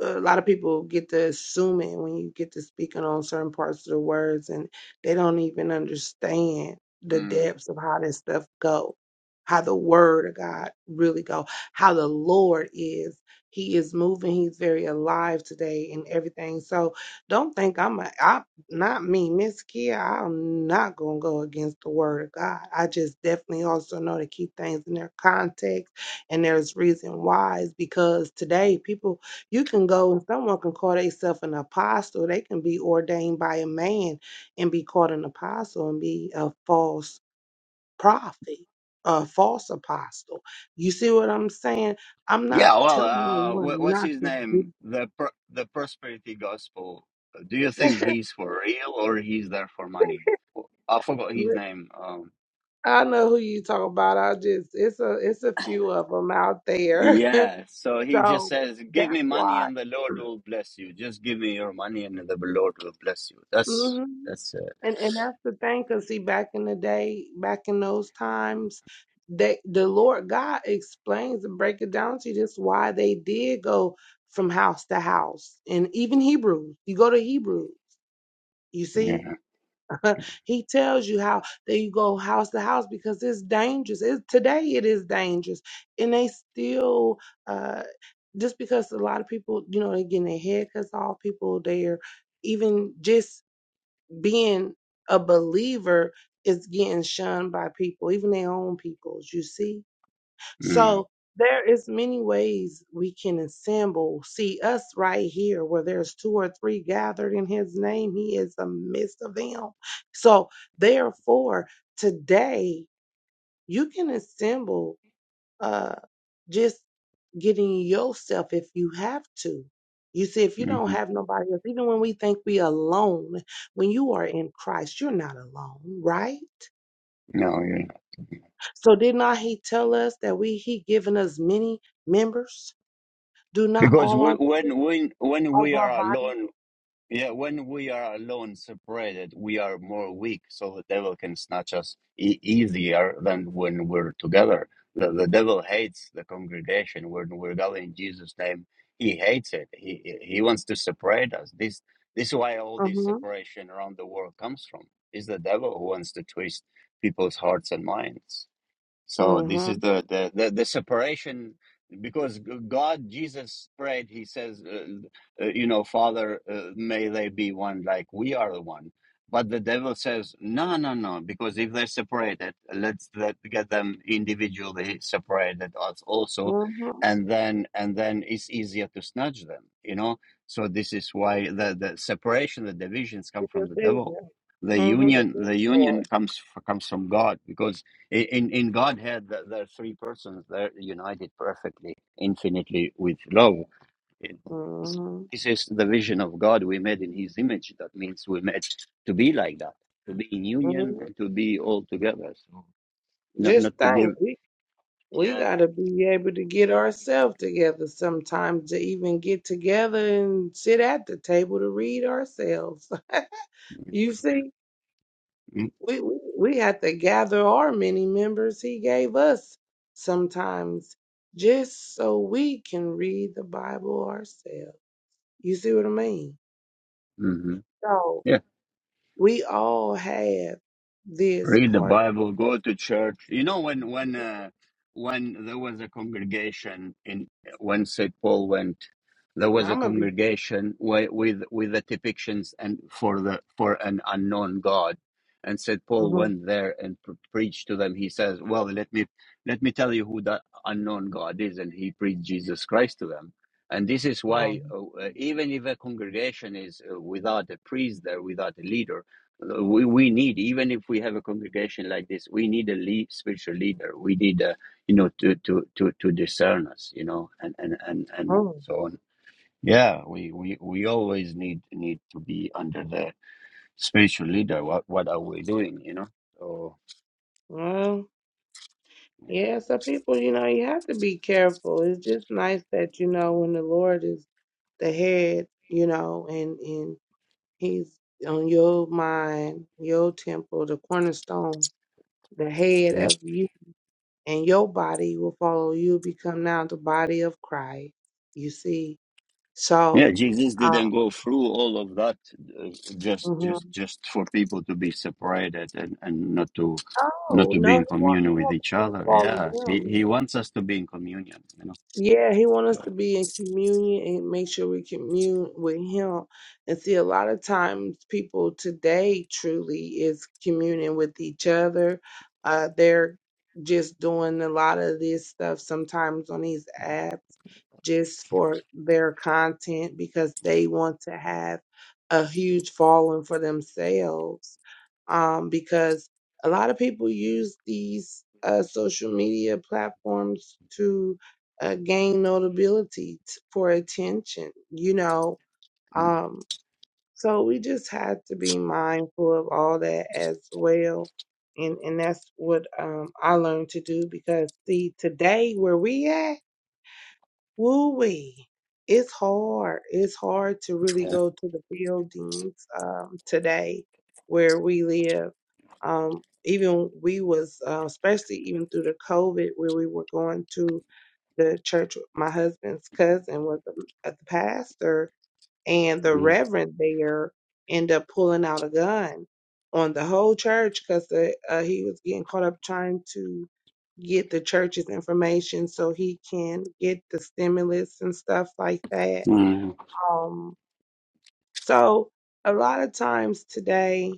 [SPEAKER 3] a lot of people get to assuming when you get to speaking on certain parts of the words and they don't even understand the
[SPEAKER 1] mm.
[SPEAKER 3] depths of how this stuff go how the word of god really go how the lord is he is moving he's very alive today and everything so don't think i'm a i not me miss kia i'm not gonna go against the word of god i just definitely also know to keep things in their context and there's reason why is because today people you can go and someone can call themselves an apostle. They can be ordained by a man and be called an apostle and be a false prophet, a false apostle. You see what I'm saying? I'm not
[SPEAKER 1] yeah well
[SPEAKER 3] telling no
[SPEAKER 1] uh wha-
[SPEAKER 3] one
[SPEAKER 1] what's
[SPEAKER 3] not
[SPEAKER 1] his
[SPEAKER 3] to
[SPEAKER 1] name the per, the prosperity gospel do you think
[SPEAKER 3] do.
[SPEAKER 1] he's for real or he's there for money i forgot his name um
[SPEAKER 3] I know who you talk about. I just it's a it's a few of them out there.
[SPEAKER 1] yeah so he just
[SPEAKER 3] so
[SPEAKER 1] says give
[SPEAKER 3] that's
[SPEAKER 1] me money
[SPEAKER 3] why.
[SPEAKER 1] and the lord will bless you just give me your money and the lord will bless you that's that's uh,
[SPEAKER 3] And and that's the thing, 'cause see, back in the day, back in those times, they the Lord God explains and break it down to you just why they did go from house to house, and even Hebrews. You go to Hebrews, you see,
[SPEAKER 1] Yeah.
[SPEAKER 3] He tells you how they go house to house because it's dangerous. It's, today it is dangerous, and they still. uh just because a lot of people, you know, they're getting their haircuts off, people they're even just being a believer is getting shunned by people, even their own peoples, you see?
[SPEAKER 1] Mm,
[SPEAKER 3] So there is many ways we can assemble. See us right here where there's two or three gathered in his name, he is the midst of them. So therefore, today you can assemble uh just getting yourself if you have to. You see, if you don't
[SPEAKER 1] mhm.
[SPEAKER 3] have nobody else, even when we think we alone, when you are in Christ, you're not alone, right?
[SPEAKER 1] No, yeah.
[SPEAKER 3] So did not he tell us that we he given us many members? Do not
[SPEAKER 1] Because
[SPEAKER 3] all our
[SPEAKER 1] we,
[SPEAKER 3] of
[SPEAKER 1] when when when we
[SPEAKER 3] our
[SPEAKER 1] are
[SPEAKER 3] body?
[SPEAKER 1] alone, yeah, when we are alone, separated, we are more weak. So the devil can snatch us e- easier than when we're together. The, the devil hates the congregation when we're gathered in Jesus' name. He hates it. He he he wants to separate us. This this is why all this
[SPEAKER 3] Mm-hmm.
[SPEAKER 1] separation around the world comes from. Is the devil who wants to twist people's hearts and minds. So this
[SPEAKER 3] Mm-hmm.
[SPEAKER 1] is the the the, the separation because g- God Jesus prayed. He says, uh, uh, you know, Father, uh, may they be one like we are the one. But the devil says, no, no, no, because if they're separated, let's let get them individually separated als- also,
[SPEAKER 3] Mm-hmm.
[SPEAKER 1] and then and then it's easier to snatch them. You know, so this is why the the separation, the divisions come from the devil. The
[SPEAKER 3] Mm-hmm.
[SPEAKER 1] union, the union
[SPEAKER 3] Mm-hmm.
[SPEAKER 1] comes f- comes from God because in, in Godhead, there are three persons. They're united perfectly, infinitely with love. This is the vision of God. We made in His image. That means we made to be like that, to be in union
[SPEAKER 3] mm-hmm.
[SPEAKER 1] and to be all together. So not
[SPEAKER 3] Just
[SPEAKER 1] not to give.
[SPEAKER 3] think. we
[SPEAKER 1] Yeah.
[SPEAKER 3] got to be able to get ourselves together sometimes to even get together and sit at the table to read ourselves. you see, we, we, we have to gather our many members he gave us sometimes just so we can read the Bible ourselves. You see what I mean?
[SPEAKER 1] Mm-hmm.
[SPEAKER 3] So
[SPEAKER 1] Yeah.
[SPEAKER 3] we all have this
[SPEAKER 1] read the
[SPEAKER 3] part.
[SPEAKER 1] bible go to church you know when when uh, when there was a congregation in when st paul went there was a
[SPEAKER 3] I'm going to be.
[SPEAKER 1] congregation wi- with with the depictions and for the for an unknown god and st paul
[SPEAKER 3] Mhm,
[SPEAKER 1] went there and pre- preached to them he says well let me let me tell you who that unknown god is and he preached jesus christ to them and this is why uh,
[SPEAKER 3] mhm,
[SPEAKER 1] uh, even if a congregation is uh, without a priest there without a leader we, we need even if we have a congregation like this we need a lead, spiritual leader we need a you know to to to to discern us you know and and and and so on yeah we we we always need need to be under the spiritual leader what what are we doing you know so
[SPEAKER 3] mhm. Yeah, so people, you know, you have to be careful. It's just nice that, you know, when the Lord is the head, you know, and and he's on your mind, your temple, the cornerstone, the head
[SPEAKER 1] yeah
[SPEAKER 3] of you, and your body will follow you, become now the body of Christ. You see,
[SPEAKER 1] yeah
[SPEAKER 3] so
[SPEAKER 1] jesus didn't
[SPEAKER 3] um,
[SPEAKER 1] go through all of that uh, just
[SPEAKER 3] mhm.
[SPEAKER 1] just just for people to be separated and and not to not
[SPEAKER 3] oh
[SPEAKER 1] to be
[SPEAKER 3] no, he
[SPEAKER 1] in
[SPEAKER 3] won't, he
[SPEAKER 1] communion with
[SPEAKER 3] won't
[SPEAKER 1] each
[SPEAKER 3] be able to
[SPEAKER 1] other
[SPEAKER 3] follow
[SPEAKER 1] yeah he
[SPEAKER 3] him.
[SPEAKER 1] he wants us to be in communion you know.
[SPEAKER 3] Yeah, he wants us to be in communion and make sure we commune with him. And see, a lot of times people today truly is communing with each other. Uh, they're just doing a lot of this stuff sometimes on these apps just for their content because they want to have a huge following for themselves. Um, because a lot of people use these uh, social media platforms to uh, gain notability t- for attention, you know. Um, so we just have to be mindful of all that as well. And, and that's what um, I learned to do because see today where we at, woo we, it's hard. It's hard to really
[SPEAKER 1] Yeah.
[SPEAKER 3] go to the buildings um, today where we live. Um, even we was uh, especially even through the COVID where we were going to the church my husband's cousin was a, a pastor and the
[SPEAKER 1] Mm.
[SPEAKER 3] reverend there ended up pulling out a gun on the whole church because uh, he was getting caught up trying to get the church's information so he can get the stimulus and stuff like that
[SPEAKER 1] Mm.
[SPEAKER 3] um so a lot of times today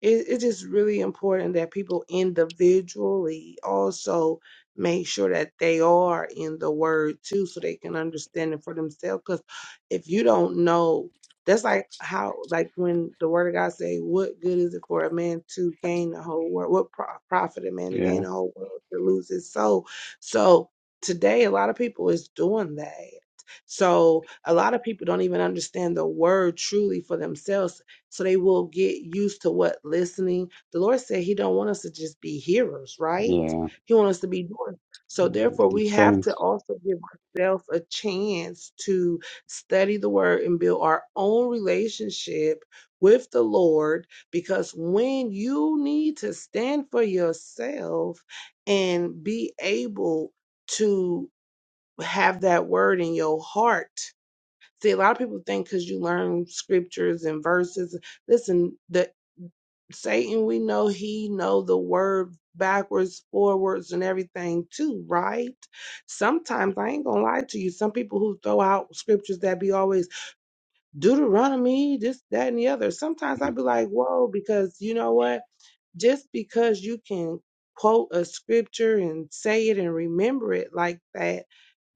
[SPEAKER 3] it, it's just really important that people individually also make sure that they are in the word too so they can understand it for themselves because if you don't know that's like how like when the word of god say what good is it for a man to gain the whole world what pro- profit a man to
[SPEAKER 1] Yeah.
[SPEAKER 3] gain the whole world to lose his soul so today a lot of people is doing that so a lot of people don't even understand the word truly for themselves so they will get used to what listening. The Lord said He don't want us to just be hearers, right?
[SPEAKER 1] Yeah.
[SPEAKER 3] He wants us to be doers. So therefore,
[SPEAKER 1] The
[SPEAKER 3] we have to
[SPEAKER 1] Saints.
[SPEAKER 3] also give ourselves a chance to study the Word and build our own relationship with the Lord. Because when you need to stand for yourself and be able to have that Word in your heart See, a lot of people think because you learn scriptures and verses. Listen, the Satan, we know he know the word backwards, forwards, and everything too, right? Sometimes I ain't gonna lie to you. Some people who throw out scriptures that be always Deuteronomy, this, that, and the other. Sometimes I
[SPEAKER 1] Mm.
[SPEAKER 3] be like, whoa, because you know what? Just because you can quote a scripture and say it and remember it like that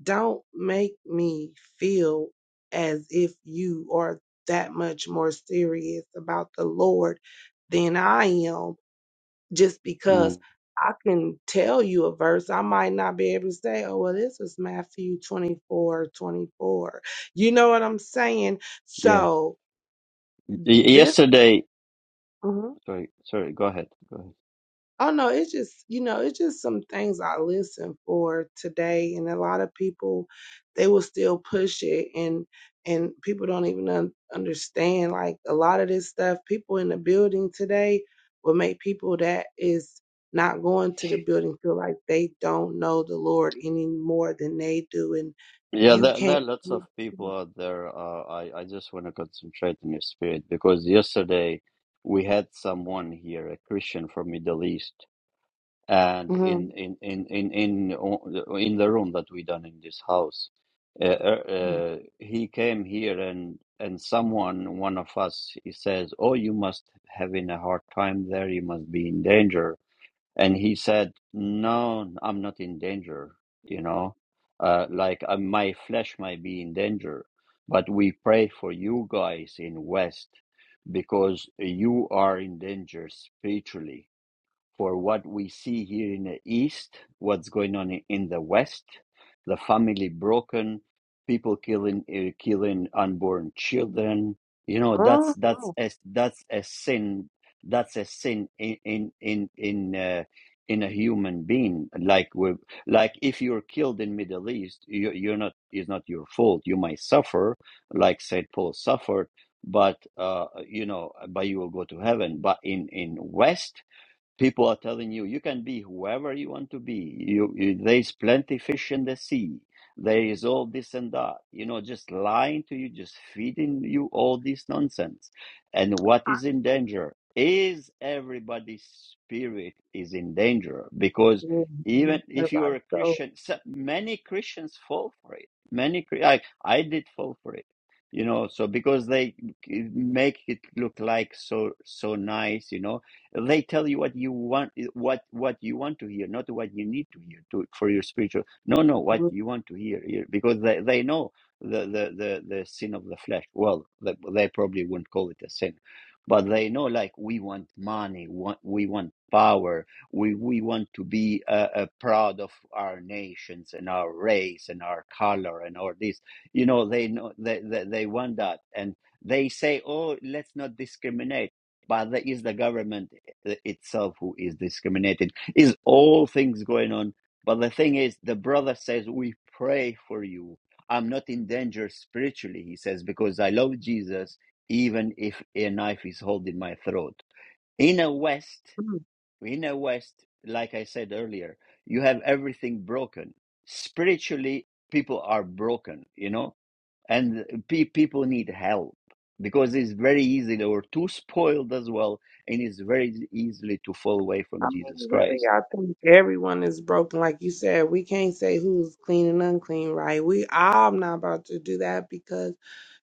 [SPEAKER 3] don't make me feel as if you are that much more serious about the Lord than I am just because
[SPEAKER 1] Mm.
[SPEAKER 3] I can tell you a verse. I might not be able to say, oh, well, this is Matthew 24 24. You know what I'm saying?
[SPEAKER 1] Yeah.
[SPEAKER 3] So,
[SPEAKER 1] Y-
[SPEAKER 3] this.
[SPEAKER 1] yesterday. Sorry. Sorry. Go ahead. Go ahead.
[SPEAKER 3] Oh no, it's just you know, it's just some things I listen for today, and a lot of people they will still push it, and and people don't even un- understand like a lot of this stuff. People in the building today will make people that is not going to the building feel like they don't know the Lord any more than they do, and
[SPEAKER 1] Yeah,
[SPEAKER 3] you
[SPEAKER 1] there, there
[SPEAKER 3] can't.
[SPEAKER 1] are lots of people out there. Uh, I, I just want to concentrate on your spirit because yesterday we had someone here, a Christian from Middle East. and in
[SPEAKER 3] Mhm.
[SPEAKER 1] in in in in o- in the room that we done in this house uh, uh,
[SPEAKER 3] Mhm.
[SPEAKER 1] uh, he came here and and someone one of us he says oh you must having a hard time there you must be in danger and he said no i'm not in danger you know uh, like uh, my flesh might be in danger but we pray for you guys in west because you are in danger spiritually for what we see here in the East, what's going on i- in the West, the family broken, people killing uh, killing unborn children. You know that's that's a that's a sin. That's a sin in in in in, uh, in a human being. Like we like if you're killed in Middle East, you, you're not. It's not your fault. You might suffer, like Saint Paul suffered, but uh, you know, but you will go to heaven. But in in West People are telling you you can be whoever you want to be. You, you there's plenty fish in the sea. There is all this and that. You know, just lying to you, just feeding you all this nonsense. And what is in danger is everybody's spirit is in danger because even if you are
[SPEAKER 3] Everybody's
[SPEAKER 1] a
[SPEAKER 3] so.
[SPEAKER 1] Christian, so- many Christians fall for it. Many, Chri- I, I did fall for it. You know, so because they make it look like so so nice, you know, they tell you what you want, what what you want to hear, not what you need to hear to for your spiritual. No, no, what
[SPEAKER 3] mm-hmm.
[SPEAKER 1] you want to hear, hear because they, they know the, the the the sin of the flesh. Well, they, they probably wouldn't call it a sin, but they know like we want money, want, we want power, we we want to be uh, uh, proud of our nations and our race and our color and all this. You know, they know they they, they want that and. They say, "Oh, let's not discriminate." but that is the government itself who is discriminated. Is all things going on. But the thing is, the brother says, We pray for you. I'm not in danger spiritually, he says, because I love Jesus, even if a knife is holding my throat. In a West, in a West, like I said earlier, you have everything broken. Spiritually, people are broken, you know and pe- people need help because it's very easy they were too spoiled as well and it's very e-, easily to fall away from
[SPEAKER 3] I
[SPEAKER 1] jesus
[SPEAKER 3] mean, really,
[SPEAKER 1] christ
[SPEAKER 3] I think everyone is broken. Like you said, we can't say who's clean and unclean, right? We, I'm not about to do that because,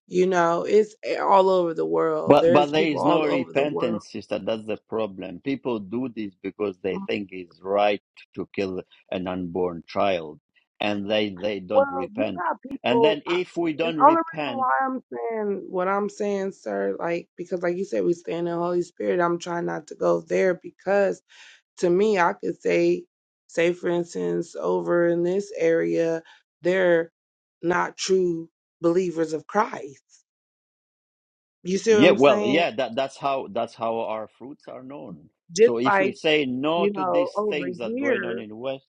[SPEAKER 3] you know, it's all over the world.
[SPEAKER 1] but
[SPEAKER 3] There's
[SPEAKER 1] but there
[SPEAKER 3] people
[SPEAKER 1] is no
[SPEAKER 3] all over the world.
[SPEAKER 1] repentance sister that's the problem people do this because they
[SPEAKER 3] Mm,
[SPEAKER 1] think it's right to kill an unborn child and they they don't
[SPEAKER 3] Well, you
[SPEAKER 1] repent
[SPEAKER 3] got
[SPEAKER 1] and
[SPEAKER 3] people,
[SPEAKER 1] then
[SPEAKER 3] I,
[SPEAKER 1] if we
[SPEAKER 3] and
[SPEAKER 1] don't
[SPEAKER 3] only reason
[SPEAKER 1] repent
[SPEAKER 3] why I'm saying what I'm saying, sir, like, because like you said, we stand in the Holy Spirit. I'm trying not to go there because to me, I could say, say for instance, over in this area, they're not true believers of Christ. You see what
[SPEAKER 1] yeah
[SPEAKER 3] I'm
[SPEAKER 1] well
[SPEAKER 3] saying?
[SPEAKER 1] yeah that, that's how that's how our fruits are known
[SPEAKER 3] Just
[SPEAKER 1] so if we
[SPEAKER 3] like,
[SPEAKER 1] say no
[SPEAKER 3] you
[SPEAKER 1] to
[SPEAKER 3] know,
[SPEAKER 1] these
[SPEAKER 3] over
[SPEAKER 1] things that going on
[SPEAKER 3] here,
[SPEAKER 1] in the west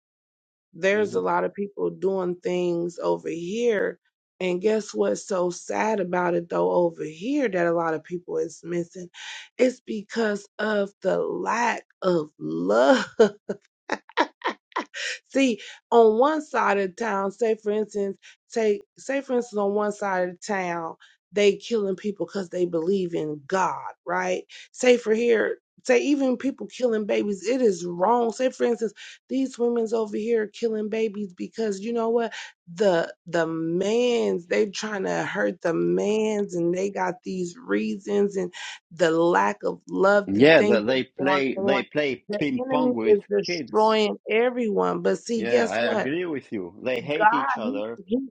[SPEAKER 3] there's
[SPEAKER 1] mhm.
[SPEAKER 3] a lot of people doing things over here. And guess what's so sad about it though over here that a lot of people is missing? It's because of the lack of love. See, on one side of town, say for instance, take say for instance on one side of town, they killing people because they believe in God, right? Say for here, say even people killing babies, it is wrong. Say for instance, these women's over here killing babies because you know what? The the man's they trying to hurt the man's and they got these reasons and the lack of love, the
[SPEAKER 1] Yeah,
[SPEAKER 3] things
[SPEAKER 1] they
[SPEAKER 3] that's
[SPEAKER 1] they
[SPEAKER 3] going
[SPEAKER 1] play
[SPEAKER 3] on
[SPEAKER 1] they play
[SPEAKER 3] the
[SPEAKER 1] ping pong
[SPEAKER 3] enemy
[SPEAKER 1] with
[SPEAKER 3] is
[SPEAKER 1] kids.
[SPEAKER 3] destroying everyone. But see,
[SPEAKER 1] Yeah,
[SPEAKER 3] guess
[SPEAKER 1] I
[SPEAKER 3] what?
[SPEAKER 1] agree with you. They hate each
[SPEAKER 3] God,
[SPEAKER 1] other.
[SPEAKER 3] he, he,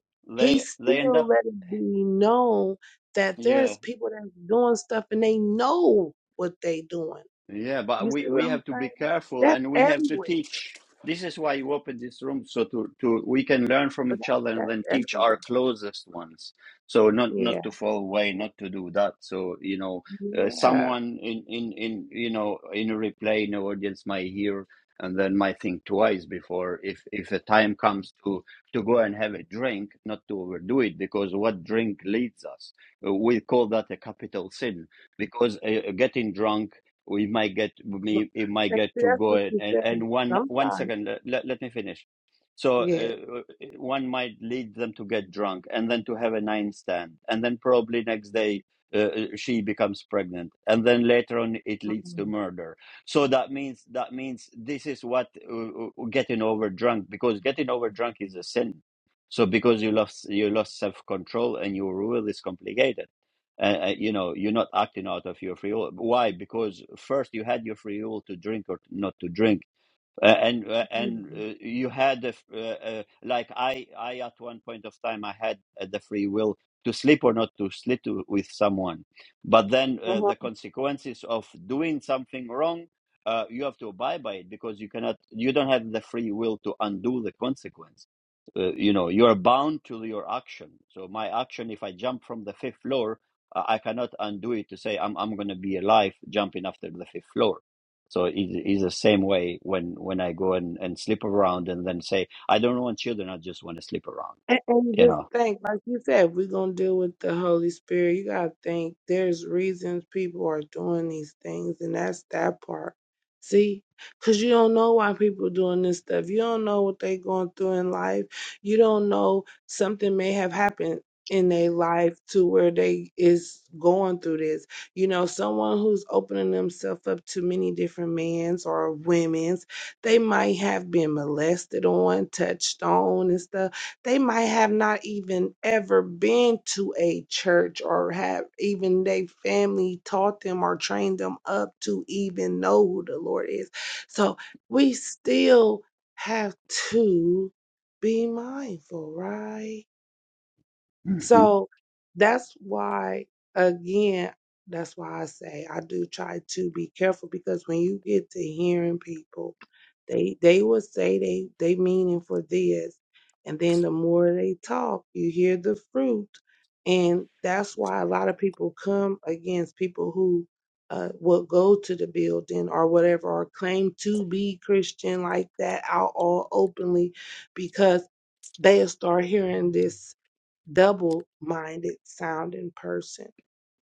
[SPEAKER 3] he
[SPEAKER 1] They they end
[SPEAKER 3] still
[SPEAKER 1] up.
[SPEAKER 3] let it be known that
[SPEAKER 1] yeah.
[SPEAKER 3] there's people that's doing stuff and they know what they doing.
[SPEAKER 1] Yeah, but
[SPEAKER 3] You see
[SPEAKER 1] we,
[SPEAKER 3] what
[SPEAKER 1] we
[SPEAKER 3] I'm
[SPEAKER 1] have to be
[SPEAKER 3] saying?
[SPEAKER 1] careful
[SPEAKER 3] That's
[SPEAKER 1] and we have to
[SPEAKER 3] everywhere.
[SPEAKER 1] teach. This is why you open this room so to, to we can learn from
[SPEAKER 3] But
[SPEAKER 1] each other and
[SPEAKER 3] that's,
[SPEAKER 1] then
[SPEAKER 3] that's
[SPEAKER 1] teach our
[SPEAKER 3] everywhere.
[SPEAKER 1] closest ones. So not
[SPEAKER 3] Yeah.
[SPEAKER 1] not to fall away, not to do that. So you know, uh,
[SPEAKER 3] Yeah.
[SPEAKER 1] someone in in in you know in a replay in the audience might hear and then might think twice before if if the time comes to to go and have a drink, not to overdo it because what drink leads us. Uh, We call that a capital sin because uh, getting drunk we might get we, we might
[SPEAKER 3] And
[SPEAKER 1] get
[SPEAKER 3] see,
[SPEAKER 1] to
[SPEAKER 3] that's
[SPEAKER 1] go
[SPEAKER 3] what
[SPEAKER 1] and,
[SPEAKER 3] you
[SPEAKER 1] and,
[SPEAKER 3] say.
[SPEAKER 1] and one one
[SPEAKER 3] Sometimes.
[SPEAKER 1] second let, let me finish so
[SPEAKER 3] Yeah.
[SPEAKER 1] uh, one might lead them to get drunk and then to have a nine stand and then probably next day uh, uh, she becomes pregnant and then later on it leads to murder so that means that means this is what uh, uh, getting over drunk because getting over drunk is a sin so because you lost you lost self control and your will is complicated uh, uh, you know you're not acting out of your free will why because first you had your free will to drink or not to drink uh, and uh, and uh,
[SPEAKER 3] Mhm.
[SPEAKER 1] you had the f- uh, uh, like I I at one point of time I had uh, the free will to sleep or not to sleep to, with someone, but then uh, the consequences of doing something wrong, uh, you have to abide by it because you cannot you don't have the free will to undo the consequence. Uh, you know you are bound to your action. So my action, if I jump from the fifth floor, uh, I cannot undo it to say I'm I'm going to be alive jumping after the fifth floor so it is the same way when when I go and, and sleep around and then say, I don't want children, I just want to sleep around,
[SPEAKER 3] And, and
[SPEAKER 1] you
[SPEAKER 3] just
[SPEAKER 1] know.
[SPEAKER 3] think, like you said, we're gonna deal with the Holy Spirit. You gotta think there's reasons people are doing these things, and that's that part. See, because you don't know why people doing this stuff. You don't know what they going through in life. You don't know something may have happened in their life to where they is going through this. You know, someone who's opening themselves up to many different men's or women's, they might have been molested on, touched on, and stuff they might have not even ever been to a church or have even their family taught them or trained them up to even know who the Lord is. So we still have to be mindful, right?
[SPEAKER 1] Mhm.
[SPEAKER 3] So that's why, again, that's why I say I do try to be careful because when you get to hearing people, they they will say they they meaning for this, and then the more they talk, you hear the fruit, and that's why a lot of people come against people who uh, will go to the building or whatever or claim to be Christian like that out all openly because they'll start hearing this double minded sounding person.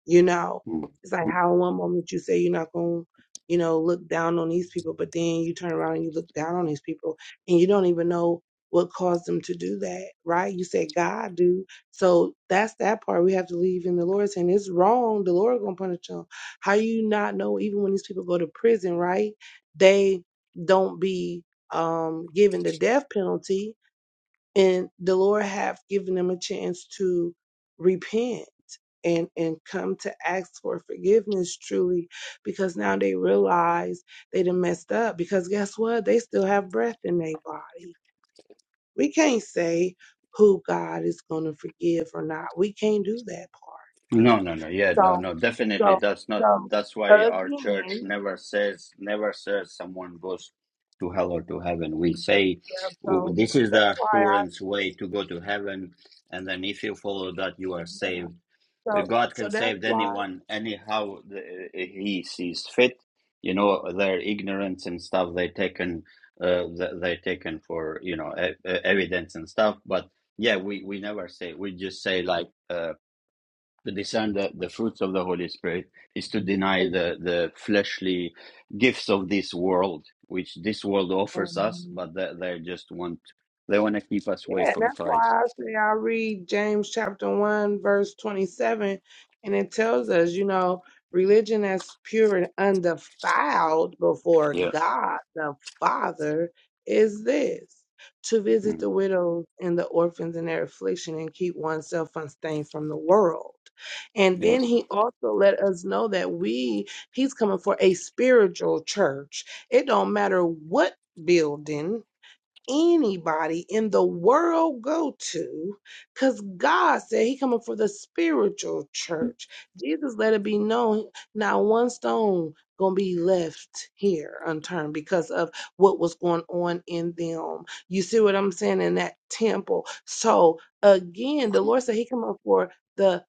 [SPEAKER 3] You know,
[SPEAKER 1] mm
[SPEAKER 3] it's like how one moment you say you're not going to, you know, look down on these people, but then you turn around and you look down on these people and you don't even know what caused them to do that, right? You said God do. So that's that part we have to leave in the Lord's hand. It's wrong. The Lord gonna punish them. How you not know even when these people go to prison, right? They don't be um given the death penalty and the Lord have given them a chance to repent and and come to ask for forgiveness truly because now they realize they done messed up because guess what they still have breath in their body we can't say who god is going to forgive or not we can't do that part
[SPEAKER 1] No, no, no. Yeah, no,
[SPEAKER 3] so
[SPEAKER 1] no. Definitely,
[SPEAKER 3] so
[SPEAKER 1] that's not.
[SPEAKER 3] so
[SPEAKER 1] That's why our church
[SPEAKER 3] again
[SPEAKER 1] never says, never says someone goes to hell or to heaven. We say
[SPEAKER 3] yeah
[SPEAKER 1] "Oh,
[SPEAKER 3] so
[SPEAKER 1] this is
[SPEAKER 3] that's
[SPEAKER 1] the
[SPEAKER 3] why i
[SPEAKER 1] assurance way to go to heaven, and then if you follow that, you are
[SPEAKER 3] yeah
[SPEAKER 1] saved
[SPEAKER 3] so
[SPEAKER 1] God
[SPEAKER 3] so
[SPEAKER 1] can
[SPEAKER 3] that's
[SPEAKER 1] save
[SPEAKER 3] why
[SPEAKER 1] anyone anyhow the, eh, He sees fit. You know their ignorance and stuff they taken uh, they taken for you know e- e- evidence and stuff. But yeah, we we never say we just say like uh, to discern the, the fruits of the Holy Spirit is to deny the the fleshly gifts of this world, which this world offers us,
[SPEAKER 3] and
[SPEAKER 1] but they, they just want they want to keep us away
[SPEAKER 3] Yeah, and
[SPEAKER 1] from
[SPEAKER 3] that's
[SPEAKER 1] Christ.
[SPEAKER 3] why I say I read James chapter 1, verse 27, and it tells us, you know, religion that's pure and undefiled before
[SPEAKER 1] Yeah.
[SPEAKER 3] God the Father is this to visit the
[SPEAKER 1] Mm.
[SPEAKER 3] widows and the orphans in their affliction and keep oneself unstained from the world. And
[SPEAKER 1] Yeah.
[SPEAKER 3] then he also let us know that we, he's coming for a spiritual church. It don't matter what building anybody in the world go to because god said he coming for the spiritual church jesus let it be known not one stone gonna be left here unturned because of what was going on in them you see what i'm saying in that temple so again the lord said he coming for the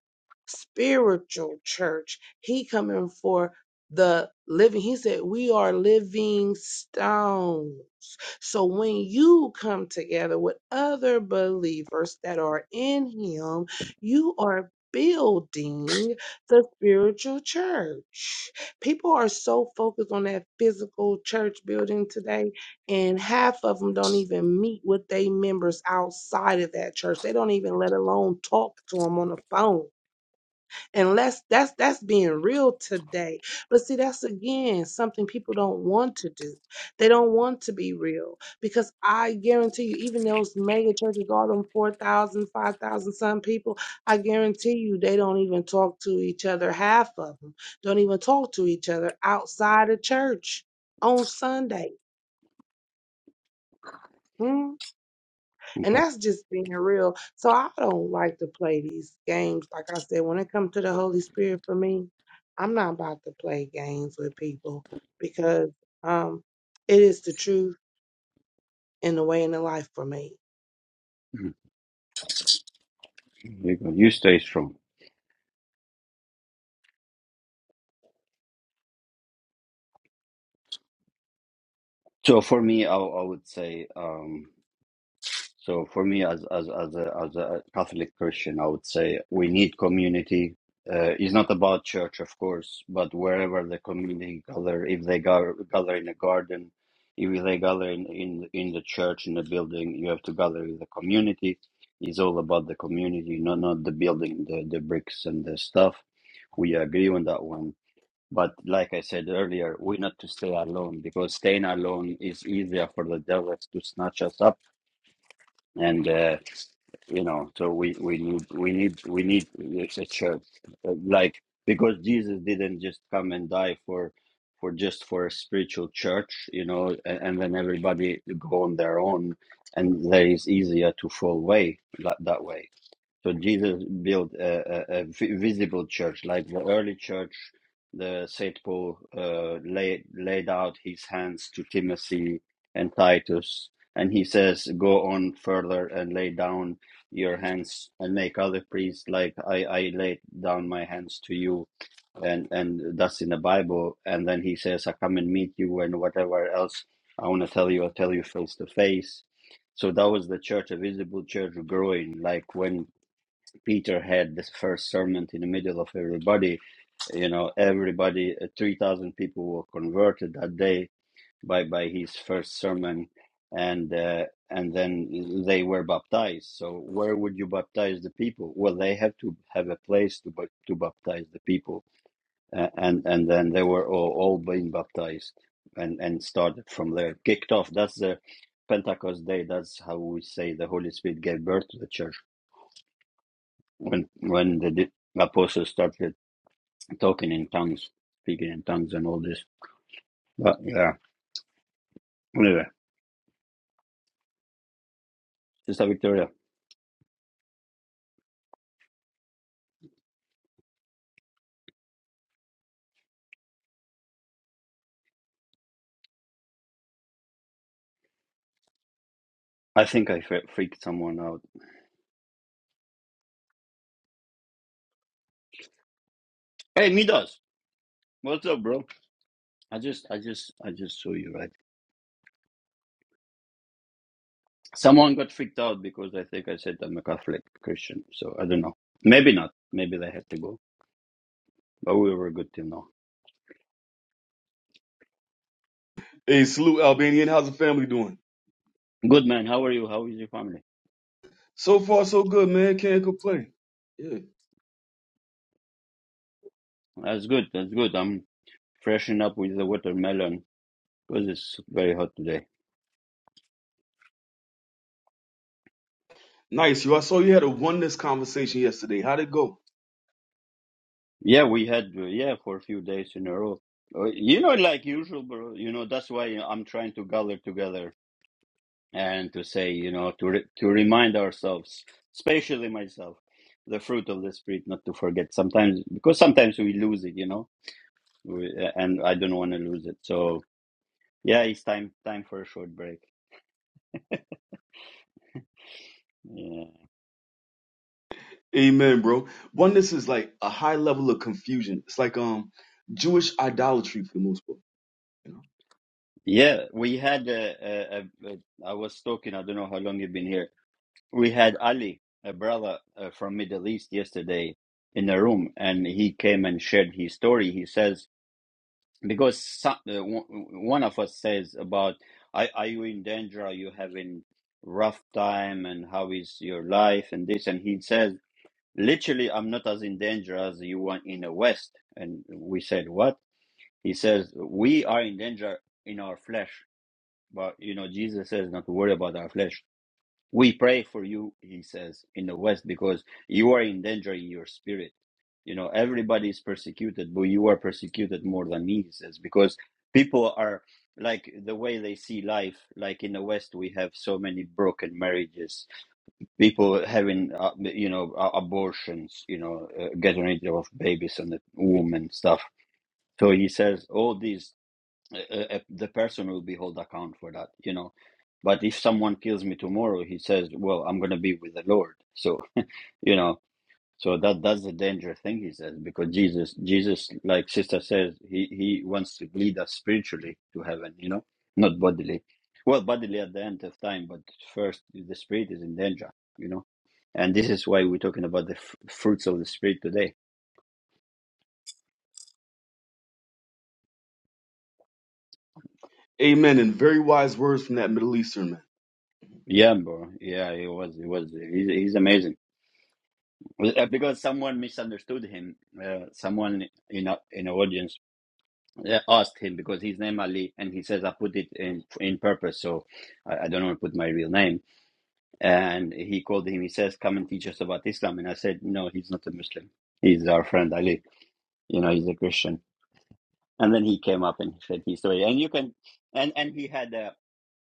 [SPEAKER 3] spiritual church he coming for the living he said we are living stones so when you come together with other believers that are in Him, you are building the spiritual church. People are so focused on that physical church building today, and half of them don't even meet with their members outside of that church. They don't even let alone talk to them on the phone unless that's that's being real today but see that's again something people don't want to do they don't want to be real because i guarantee you even those mega churches all them 4000, 5000, some people i guarantee you they don't even talk to each other half of them don't even talk to each other outside of church on sunday Hmm? And
[SPEAKER 1] Okay.
[SPEAKER 3] that's just being real. So I don't like to play these games. Like I said, when it comes to the Holy Spirit for me, I'm not about to play games with people because um it is the truth and the way in the life for me.
[SPEAKER 1] Mm. There You go. You stay strong. So for me, I, I would say, um, so for me as as as a as a Catholic Christian, I would say we need community. Uh, it's not about church, of course, but wherever the community gather, if they gather, gather in a garden, if they gather in, in in the church in the building, you have to gather with the community. It's all about the community, not not the building, the the bricks and the stuff. We agree on that one But like I said earlier, we're not to stay alone because staying alone is easier for the devil to snatch us up. And uh, you know, so we we need we need we need a church, Uh, like because Jesus didn't just come and die for for just for a spiritual church, you know, and, and then everybody go on their own, and there is easier to fall away that, that way. So Jesus built a, a, a vi- visible church, like the early church. The Saint Paul uh, laid laid out his hands to Timothy and Titus, and he says, "Go on further and lay down your hands and make other priests like I I laid down my hands to you." And and that's in the Bible. And then he says, "I come and meet you, and whatever else I want to tell you, I'll tell you face to face." So that was the church, a visible church growing. Like when Peter had this first sermon in the middle of everybody. You know, everybody, uh, 3,000 people were converted that day by, by his first sermon. And, uh, and then they were baptized. So where would you baptize the people? Well, they have to have a place to, bap- to baptize the people. Uh, and, and then they were all, all being baptized and, and started from there, kicked off. That's the Pentecost day. That's how we say the Holy Spirit gave birth to the church when when the di- apostles started talking in tongues, speaking in tongues, and all this. But yeah, anyway, Sister Victoria, I think I fre- freaked someone out. Hey, Midas, what's up, bro? I just, I just, I just saw you, right? Someone got freaked out because I think I said I'm a Catholic Christian. So I don't know. Maybe not. Maybe they had to go. But we were good till now.
[SPEAKER 6] Hey, salute Albanian. How's the family doing?
[SPEAKER 1] Good man. How are you? How is your family?
[SPEAKER 6] So far, so good, man. Can't complain. Yeah.
[SPEAKER 1] That's good. That's good. I'm freshening up with the watermelon because it's very hot today.
[SPEAKER 6] Nice. You I saw you had a oneness conversation yesterday. How'd it go?
[SPEAKER 1] Yeah, we had uh, yeah for a few days in a row. Uh, You know, like usual, bro. You know, that's why I'm trying to gather together and to say, you know, to re to remind ourselves, especially myself, the fruit of the spirit, not to forget. Sometimes because sometimes we lose it, you know, we, and I don't want to lose it. So yeah, it's time time for a short break. Yeah,
[SPEAKER 6] Amen, bro. Oneness is like a high level of confusion. It's like um Jewish idolatry for the most part. You know?
[SPEAKER 1] yeah. We had a, a, a, a I was talking. I don't know how long you've been here We had Ali, a brother uh, from Middle East, yesterday in a room, and he came and shared his story. He says because so, uh, w- one of us says about are, are you in danger? Are you having rough time? And how is your life? And this, and he says literally, I'm not as in danger as you want in the West. And we said what? He says we are in danger in our flesh, but you know Jesus says not to worry about our flesh. We pray for you, he says, in the West, because you are in danger in your spirit. You know, everybody is persecuted, but you are persecuted more than me, he says, because people are like the way they see life. Like in the West, we have so many broken marriages, people having, uh, you know, uh, abortions, you know, uh, getting rid of babies and the womb and stuff. So he says, all these uh, uh, the person will be held account for that, you know. But if someone kills me tomorrow, he says, "Well, I'm going to be with the Lord." So you know, so that that's the dangerous thing he says because Jesus, Jesus, like sister says, he he wants to lead us spiritually to heaven, you know, not bodily. Well, bodily at the end of time, but first the spirit is in danger, you know. And this is why we're talking about the f- fruits of the spirit today.
[SPEAKER 6] Amen. And very wise words from that Middle Eastern man.
[SPEAKER 1] Yeah, bro. Yeah, he was. He was. He's, he's amazing. Uh, because someone misunderstood him. Uh, someone in a, in the audience uh, asked him because his name Ali, and he says I put it in in purpose, so I, I don't want to put my real name. And he called him. He says, "Come and teach us about Islam." And I said, "No, he's not a Muslim. He's our friend Ali. You know, he's a Christian." And then he came up and he said his story. And you can, and and he had a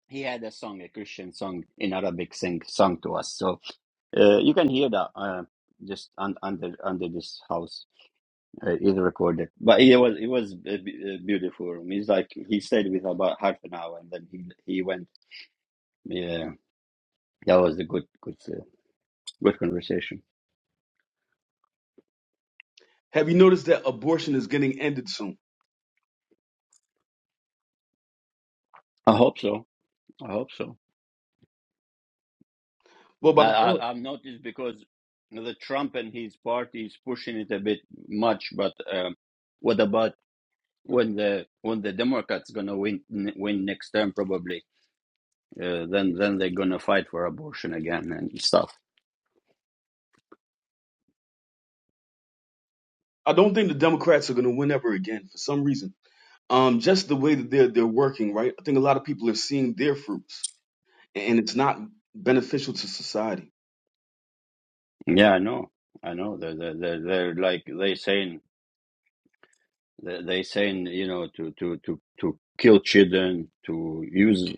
[SPEAKER 1] he had a song, a Christian song in Arabic, sing sung to us. So uh, you can hear that uh, just un, under under this house. It is recorded. But it was it was a, be- a beautiful room. He's like he stayed with about half an hour, and then he he went. Yeah, that was a good good uh, good conversation.
[SPEAKER 6] Have you noticed that abortion is getting ended soon?
[SPEAKER 1] I hope so. I hope so.
[SPEAKER 6] Well,
[SPEAKER 1] I,
[SPEAKER 6] by the
[SPEAKER 1] I I've noticed because the Trump and his party is pushing it a bit much. But um, what about when the when the Democrats gonna win win next term? Probably uh, then then they're gonna fight for abortion again and stuff.
[SPEAKER 6] I don't think the Democrats are gonna win ever again for some reason. Um, just the way that they're they're working, right? I think a lot of people are seeing their fruits and it's not beneficial to society.
[SPEAKER 1] Yeah, I know. I know. They're they're they're, they're like they saying. They they saying you know to to to to kill children, to use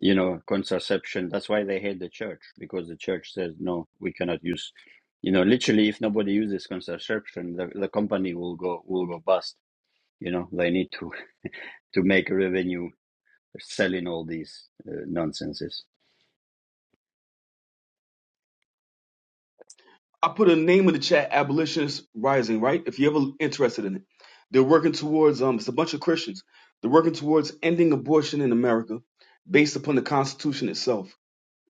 [SPEAKER 1] you know contraception. That's why they hate the church because the church says no, we cannot use. You know, literally, if nobody uses contraception, the, the company will go will go bust. You know, they need to to make revenue selling all these uh, nonsenses.
[SPEAKER 6] I put a name in the chat, Abolitionist Rising, right? If you're ever interested in it. They're working towards um it's a bunch of Christians. They're working towards ending abortion in America based upon the Constitution itself.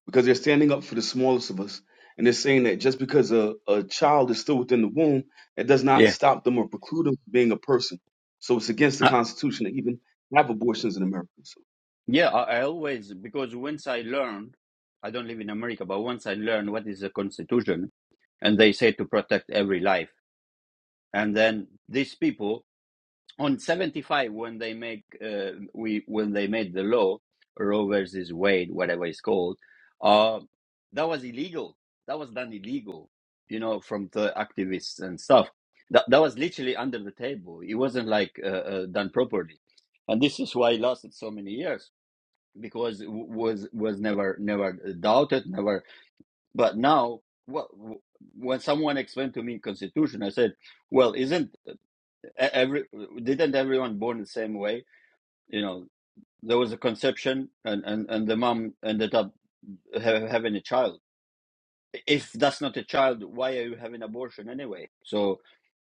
[SPEAKER 6] Because they're standing up for the smallest of us. And they're saying that just because a, a child is still within the womb, that does not
[SPEAKER 1] Yeah,
[SPEAKER 6] stop them or preclude them from being a person. So it's against the
[SPEAKER 1] I,
[SPEAKER 6] Constitution to even have abortions in America. So yeah.
[SPEAKER 1] yeah. I, I always because once I learned, I don't live in America, but once I learned what is the constitution, and they say to protect every life and then these people on 75 when they make uh, we when they made the law roe versus wade whatever it's called uh, that was illegal that was done illegal you know from the activists and stuff that, that was literally under the table it wasn't like uh, uh, done properly and this is why it lasted so many years because it w- was was never never doubted never but now what when someone explained to me constitution i said well isn't e- every didn't everyone born the same way you know there was a conception and and, and the mom ended up ha- having a child if that's not a child why are you having abortion anyway so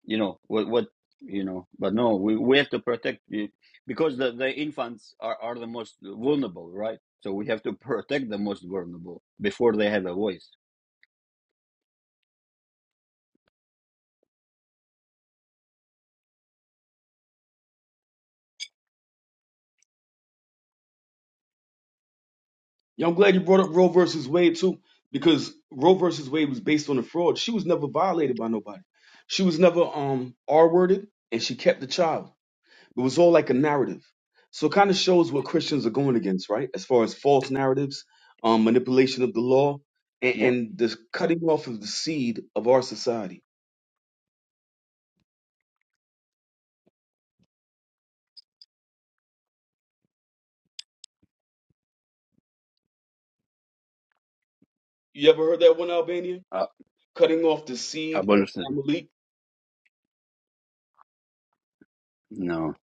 [SPEAKER 1] you know what what you know but no we, we have to protect you because the, the infants are, are the most vulnerable right so we have to protect the most vulnerable before they have a voice
[SPEAKER 6] Yeah, I'm glad you brought up Roe versus Wade too, because Roe versus Wade was based on a fraud. She was never violated by nobody. She was never um R-worded, and she kept the child. It was all like a narrative. So it kind of shows what Christians are going against, right? As far as false narratives, um, manipulation of the law, and,
[SPEAKER 1] yeah
[SPEAKER 6] and the cutting off of the seed of our society. You ever heard that one, Albania?
[SPEAKER 1] uh,
[SPEAKER 6] Cutting off the seed of
[SPEAKER 1] abolition
[SPEAKER 6] Amalek.
[SPEAKER 1] no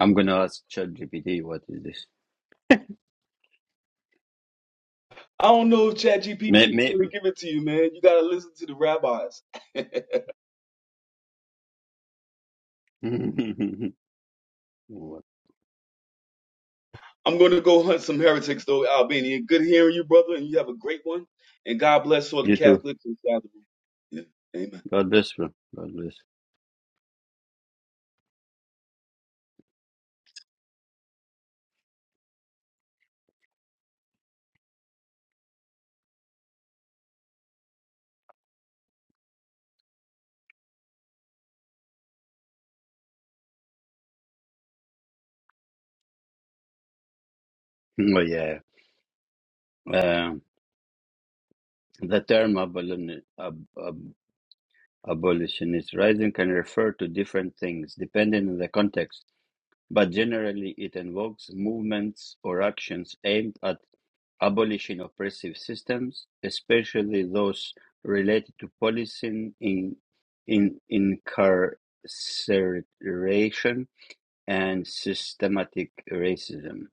[SPEAKER 1] i'm gonna ask ChatGPT. what is this
[SPEAKER 6] I don't know if ChatGPT is
[SPEAKER 1] may,
[SPEAKER 6] going to give it to you, man. You got to listen to the rabbis.
[SPEAKER 1] may...
[SPEAKER 6] I'm going to go hunt some heretics, though, Albania. Good hearing you, brother, and you have a great one. And God bless all the
[SPEAKER 1] You too.
[SPEAKER 6] Catholics inside the room. Yeah. Amen.
[SPEAKER 1] God bless, bro. God bless. Oh, yeah. Um, the term abolin- ab- ab- abolitionist rising can refer to different things depending on the context, but generally it invokes movements or actions aimed at abolishing oppressive systems, especially those related to policing, in, in incarceration, and systematic racism.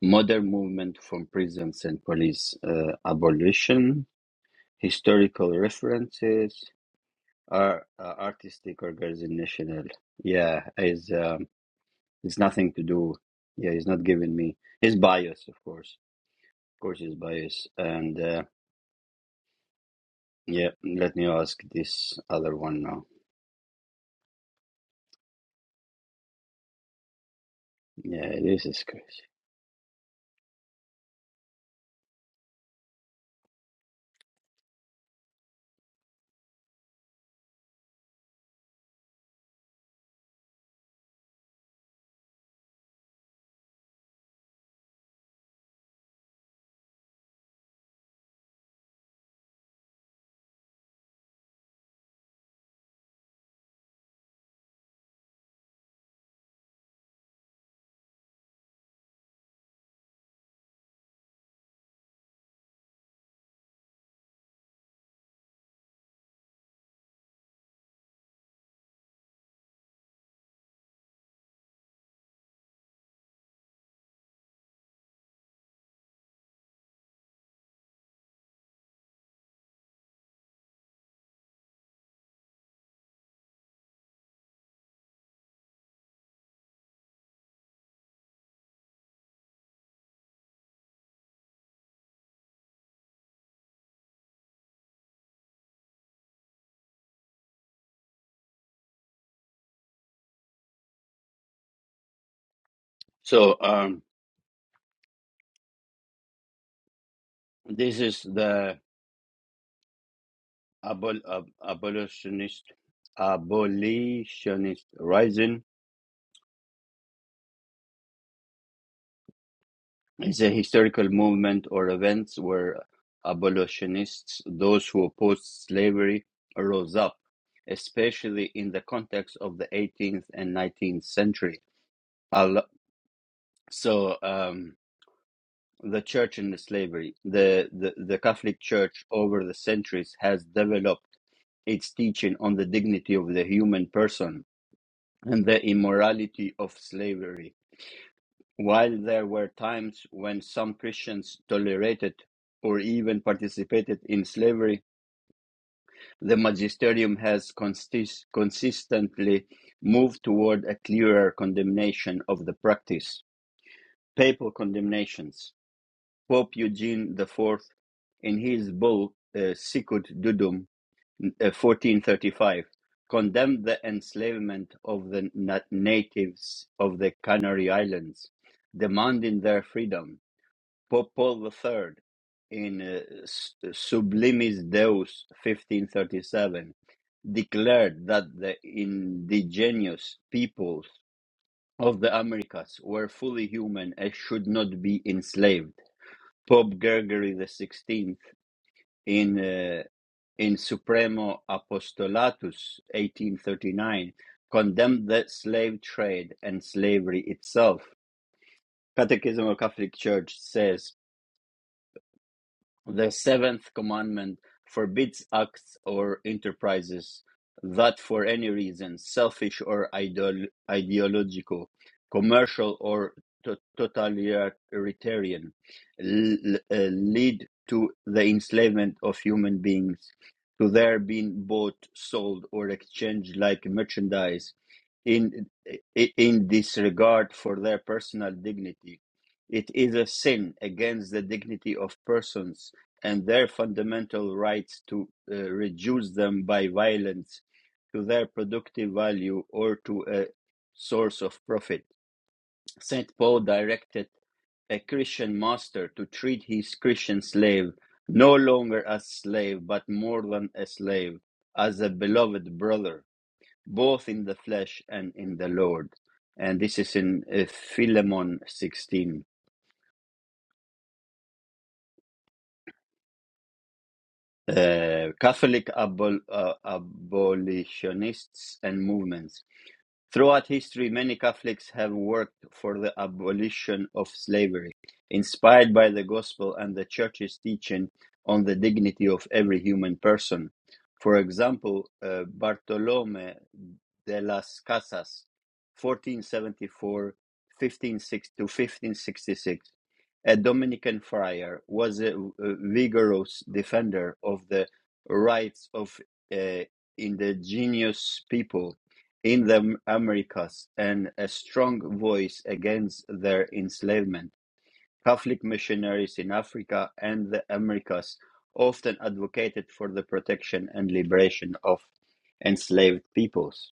[SPEAKER 1] Modern movement from prisons and police uh, abolition. Historical references are uh, artistic organizational. Yeah, is um, it's nothing to do. Yeah, he's not giving me his bias, of course. Of course, his bias. And uh, yeah, let me ask this other one now. Yeah, this is crazy. So um, this is the abol- ab- abolitionist abolitionist rising the historical movement or events where abolitionists, those who opposed slavery, rose up, especially in the context of the 18th and 19th century. Al- So, um, the church and the slavery, the, the, the Catholic Church over the centuries has developed its teaching on the dignity of the human person and the immorality of slavery While there were times when some Christians tolerated or even participated in slavery, the magisterium has consist- consistently moved toward a clearer condemnation of the practice. Papal condemnations. Pope Eugene IV, in his bull uh, Sicut Dudum uh, 1435, condemned the enslavement of the na- natives of the Canary Islands, demanding their freedom Pope Paul III in uh, Sublimis Deus 1537 declared that the indigenous peoples of the Americas were fully human and should not be enslaved. Pope Gregory XVI in uh, in Supremo Apostolatus 1839 condemned the slave trade and slavery itself. Catechism of Catholic Church says The seventh commandment forbids acts or enterprises that for any reason, selfish or ideol- ideological, commercial or to- totalitarian, l- uh, lead to the enslavement of human beings, to their being bought, sold, or exchanged like merchandise in i- in disregard for their personal dignity. It is a sin against the dignity of persons and their fundamental rights to uh, reduce them by violence to their productive value or to a source of profit. St. Paul directed a Christian master to treat his Christian slave no longer as slave, but more than a slave, as a beloved brother, both in the flesh and in the Lord. And this is in uh, Philemon 16. uh, Catholic abol- uh, abolitionists and movements. Throughout history, many Catholics have worked for the abolition of slavery, inspired by the gospel and the church's teaching on the dignity of every human person. For example, uh, Bartolome de las Casas, 1474 to 1566, a Dominican friar, was a, a vigorous defender of the rights of uh, indigenous people in the Americas and a strong voice against their enslavement. Catholic missionaries in Africa and the Americas often advocated for the protection and liberation of enslaved peoples.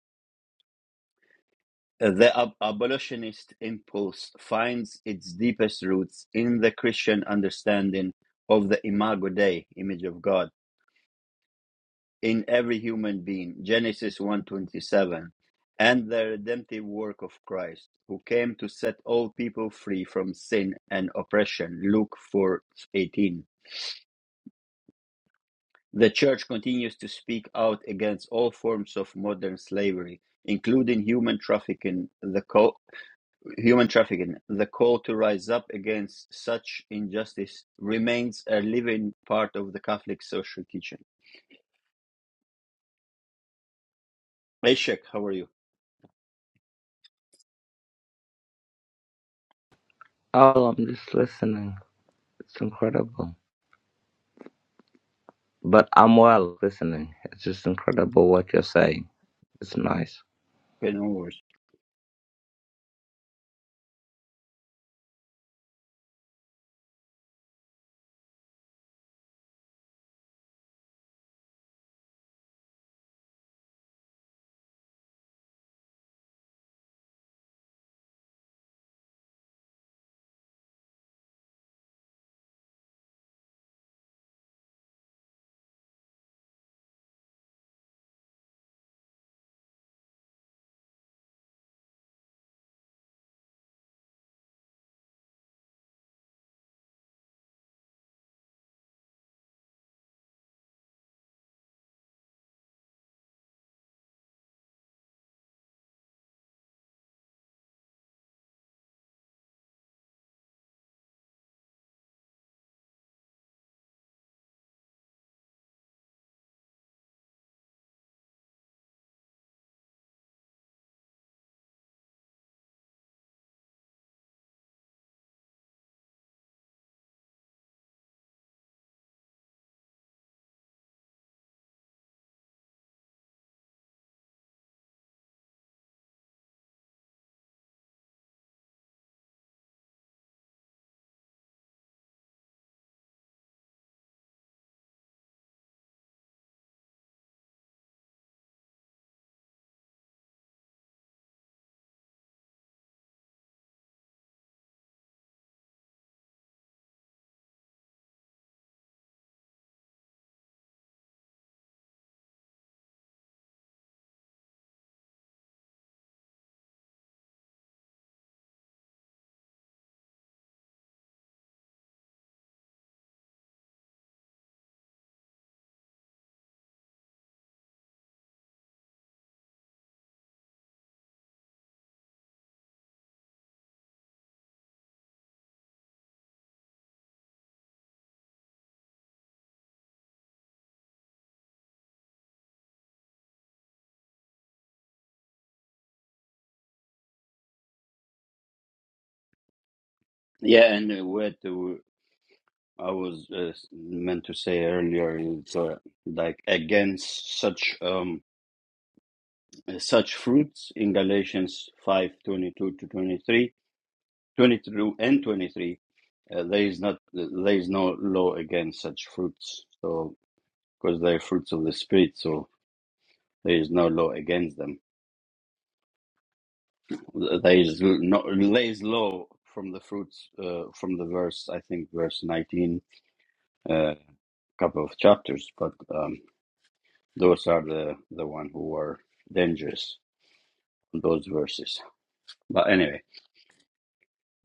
[SPEAKER 1] The ab- abolitionist impulse finds its deepest roots in the Christian understanding of the imago Dei, image of God in every human being genesis one twenty seven, and the redemptive work of christ who came to set all people free from sin and oppression luke 4:18 the church continues to speak out against all forms of modern slavery including human trafficking the call, human trafficking the call to rise up against such injustice remains a living part of the catholic social kitchen hey Sheikh, how are you
[SPEAKER 7] Oh, I'm just listening. It's incredible. But I'm well listening. It's just incredible what you're saying. It's nice.
[SPEAKER 1] Good, no yeah and uh, to? I was uh, meant to say earlier, it's uh, like against such um such fruits in Galatians five twenty two to 23 22 and 23. Uh, there is not there is no law against such fruits. So because they are fruits of the spirit, so there is no law against them. There is no there is law from the fruits uh, from the verse I think verse nineteen, uh, couple of chapters, but. Um, Those are the, the one who are dangerous, those verses. But anyway,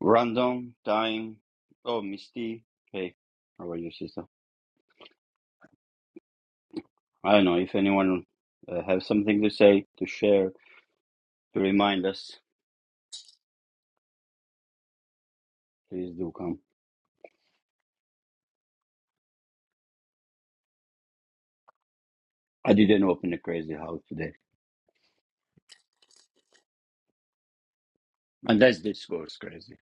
[SPEAKER 1] random time. Oh, Misty. Hey, how are you, sister? I don't know if anyone uh, have something to say, to share, to remind us. Please do come. I didn't open a crazy house today, unless this goes crazy.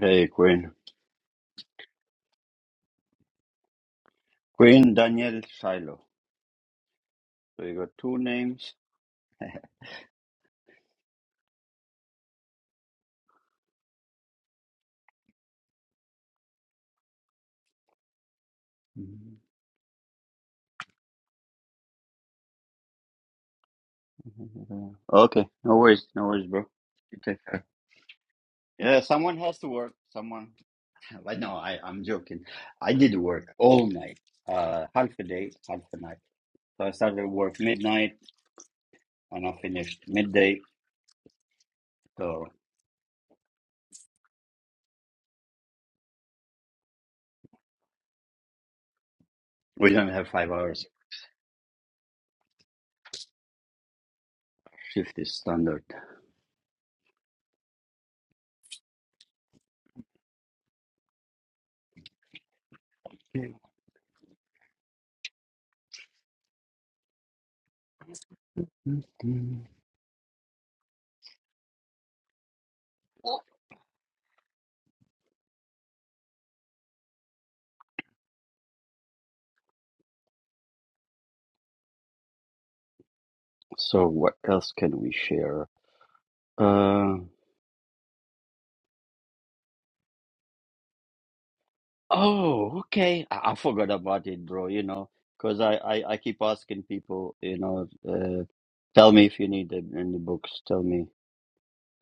[SPEAKER 1] Hey, Queen. Queen Daniel Shiloh. So you got two names. Yeah. Okay, no worries, no worries, bro. You take care. Yeah, someone has to work. Someone, but no, I, I'm joking. I did work all night, uh, half a day, half a night. So I started work midnight and I finished midday. So we don't have five hours shift is standard. Okay. Mhm. So what else can we share? Uh. Oh, okay. I, I forgot about it, bro. You know, because I, I, I keep asking people, you know, uh, tell me if you need it, any books. Tell me.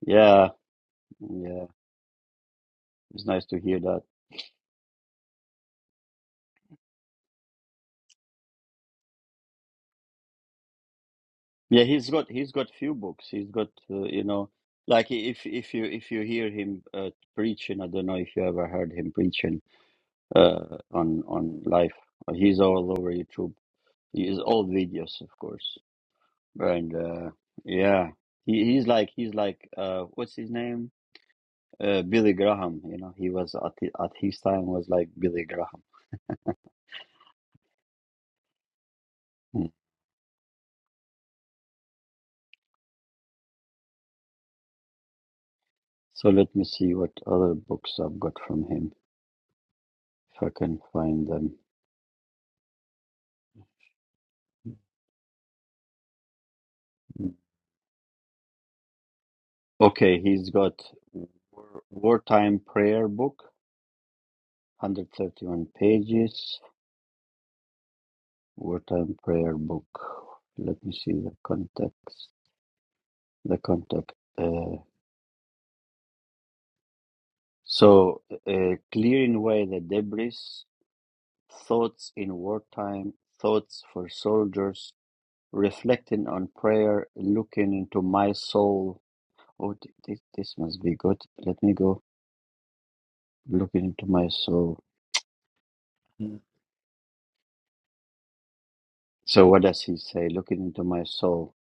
[SPEAKER 1] Yeah, yeah. It's nice to hear that. Yeah, he's got he's got few books. He's got uh, you know, like i- if if you if you hear him uh, preaching, I don't know if you ever heard him preaching uh, on on life. He's all over YouTube. He is all videos, of course. And uh, yeah, he, he's like he's like uh, what's his name? Uh, Billy Graham. You know, he was at hi- at his time was like Billy Graham. Hmm. So let me see what other books I've got from him if I can find them. Okay, he's got War, Wartime Prayer Book, 131 pages. Wartime Prayer Book. Let me see the context. The context. Uh, so, uh, clearing away the debris Thoughts in Wartime, Thoughts for Soldiers, Reflecting on Prayer, Looking into My Soul. Oh, th- this, this must be good. Let me go. Looking into My Soul. Mm. So, what does he say? Looking into My Soul.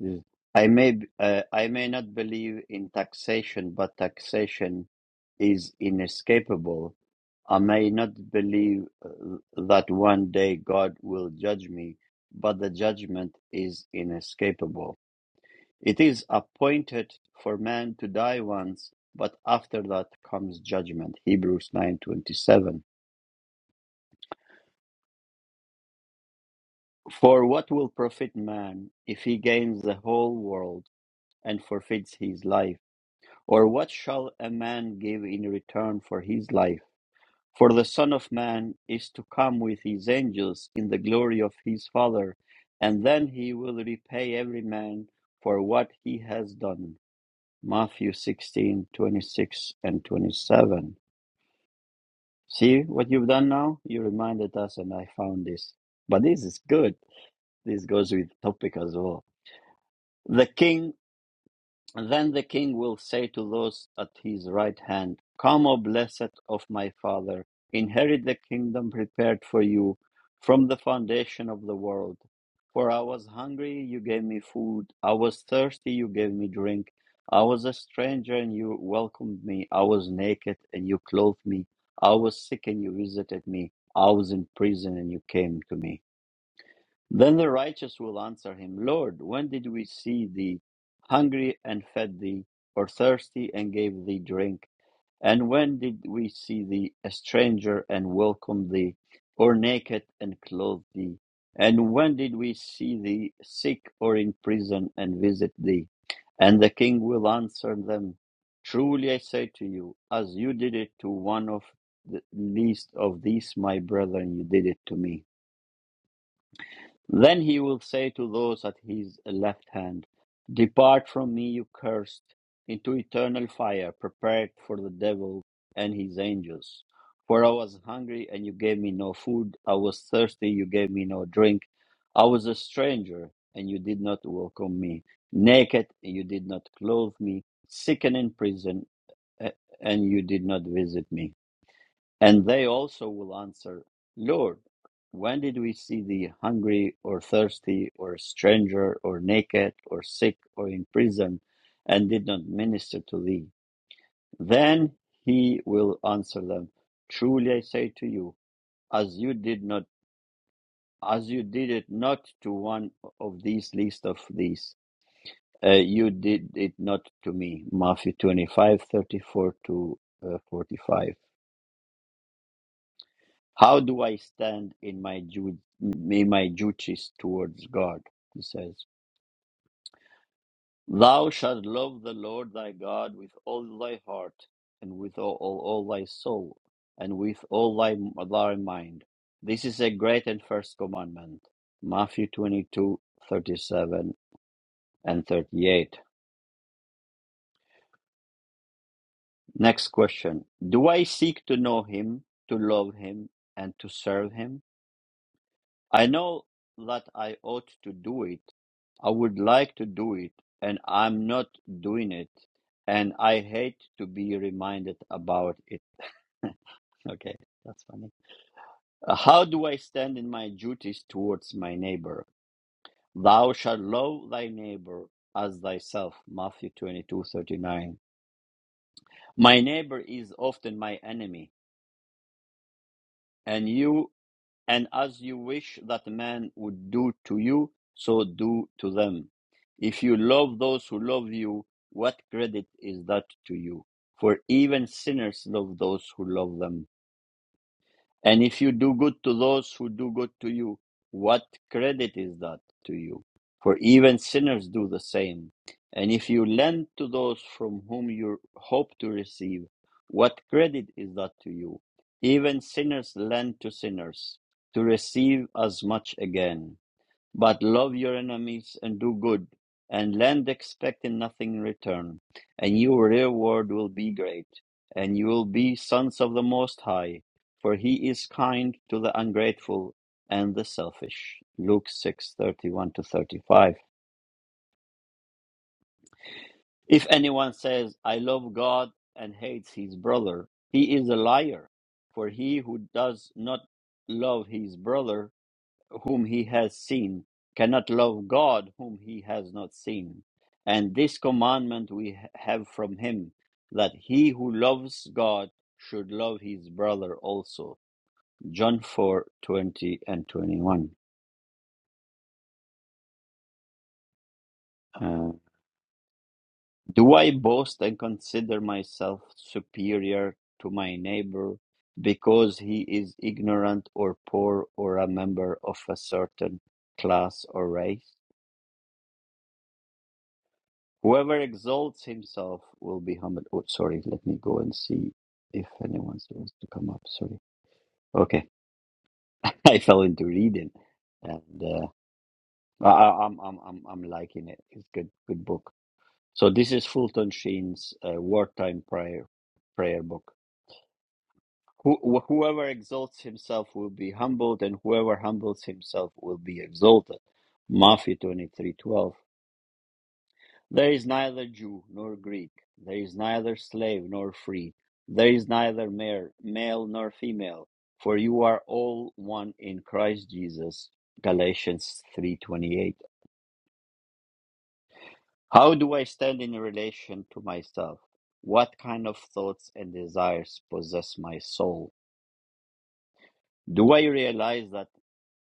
[SPEAKER 1] This- I may, b- uh, I may not believe in taxation, but taxation is inescapable. I may not believe uh, that one day God will judge me, but the judgment is inescapable. It is appointed for man to die once, but after that comes judgment. Hebrews 9:27. For what will profit man if he gains the whole world and forfeits his life? Or what shall a man give in return for his life? For the Son of Man is to come with his angels in the glory of his Father, and then he will repay every man for what he has done. Matthew 16:26 and 27. See what you've done now? You reminded us, and I found this. But this is good. This goes with topic as well. The king and then the king will say to those at his right hand, Come, O blessed of my father, inherit the kingdom prepared for you from the foundation of the world. For I was hungry, you gave me food. I was thirsty, you gave me drink. I was a stranger, and you welcomed me. I was naked, and you clothed me. I was sick, and you visited me. I was in prison, and you came to me. Then the righteous will answer him, Lord, when did we see thee hungry and fed thee, or thirsty and gave thee drink? And when did we see thee a stranger and welcomed thee, or naked and clothed thee? And when did we see thee sick or in prison and visit thee? And the king will answer them, Truly I say to you, as you did it to one of the least of these my brethren, you did it to me. Then he will say to those at his left hand, Depart from me, you cursed, into eternal fire prepared for the devil and his angels. For I was hungry, and you gave me no food. I was thirsty, you gave me no drink. I was a stranger, and you did not welcome me. Naked, and you did not clothe me. Sick and in prison, a- and you did not visit me. And they also will answer, Lord, when did we see thee hungry or thirsty or a stranger or naked or sick or in prison and did not minister to thee? Then he will answer them, Truly I say to you, as you did not as you did it not to one of these least of these, uh, you did it not to me. Matthew twenty five thirty four to uh, 45. How do I stand in my ju- in my duties towards God? He says, Thou shalt love the Lord thy God with all thy heart, and with all, all, all thy soul, and with all thy, thy mind. This is a great and first commandment. Matthew twenty-two thirty-seven and 38. Next question. Do I seek to know him, to love him, and to serve him? I know that I ought to do it. I would like to do it, and I'm not doing it. And I hate to be reminded about it. Okay, that's funny. Uh, How do I stand in my duties towards my neighbor? Thou shalt love thy neighbor as thyself. Matthew 22:39. My neighbor is often my enemy, and you And as you wish that man would do to you, so do to them. If you love those who love you, what credit is that to you? For even sinners love those who love them. And if you do good to those who do good to you, what credit is that to you? For even sinners do the same. And if you lend to those from whom you hope to receive, what credit is that to you? Even sinners lend to sinners to receive as much again. But love your enemies and do good, and lend expecting nothing in return, and your reward will be great, and you will be sons of the Most High, for He is kind to the ungrateful and the selfish. Luke six thirty one to 35. If anyone says, I love God and hates his brother, he is a liar, for he who does not love his brother whom he has seen, cannot love God whom he has not seen. And this commandment we have from him, that he who loves God should love his brother also. John four twenty and 21. Uh, Do I boast and consider myself superior to my neighbor because he is ignorant or poor or a member of a certain class or race? Whoever exalts himself will be humbled. Oh, sorry. Let me go and see if anyone wants to come up. Sorry. Okay, I fell into reading, and uh, I, I- I'm I'm I'm I'm liking it. It's good good book. So this is Fulton Sheen's uh, wartime prayer prayer book. Who, wh- whoever exalts himself will be humbled, and whoever humbles himself will be exalted. Matthew twenty three twelve. There is neither Jew nor Greek, there is neither slave nor free, there is neither male, male nor female, for you are all one in Christ Jesus. Galatians 3:28. How do I stand in relation to myself? What kind of thoughts and desires possess my soul? Do I realize that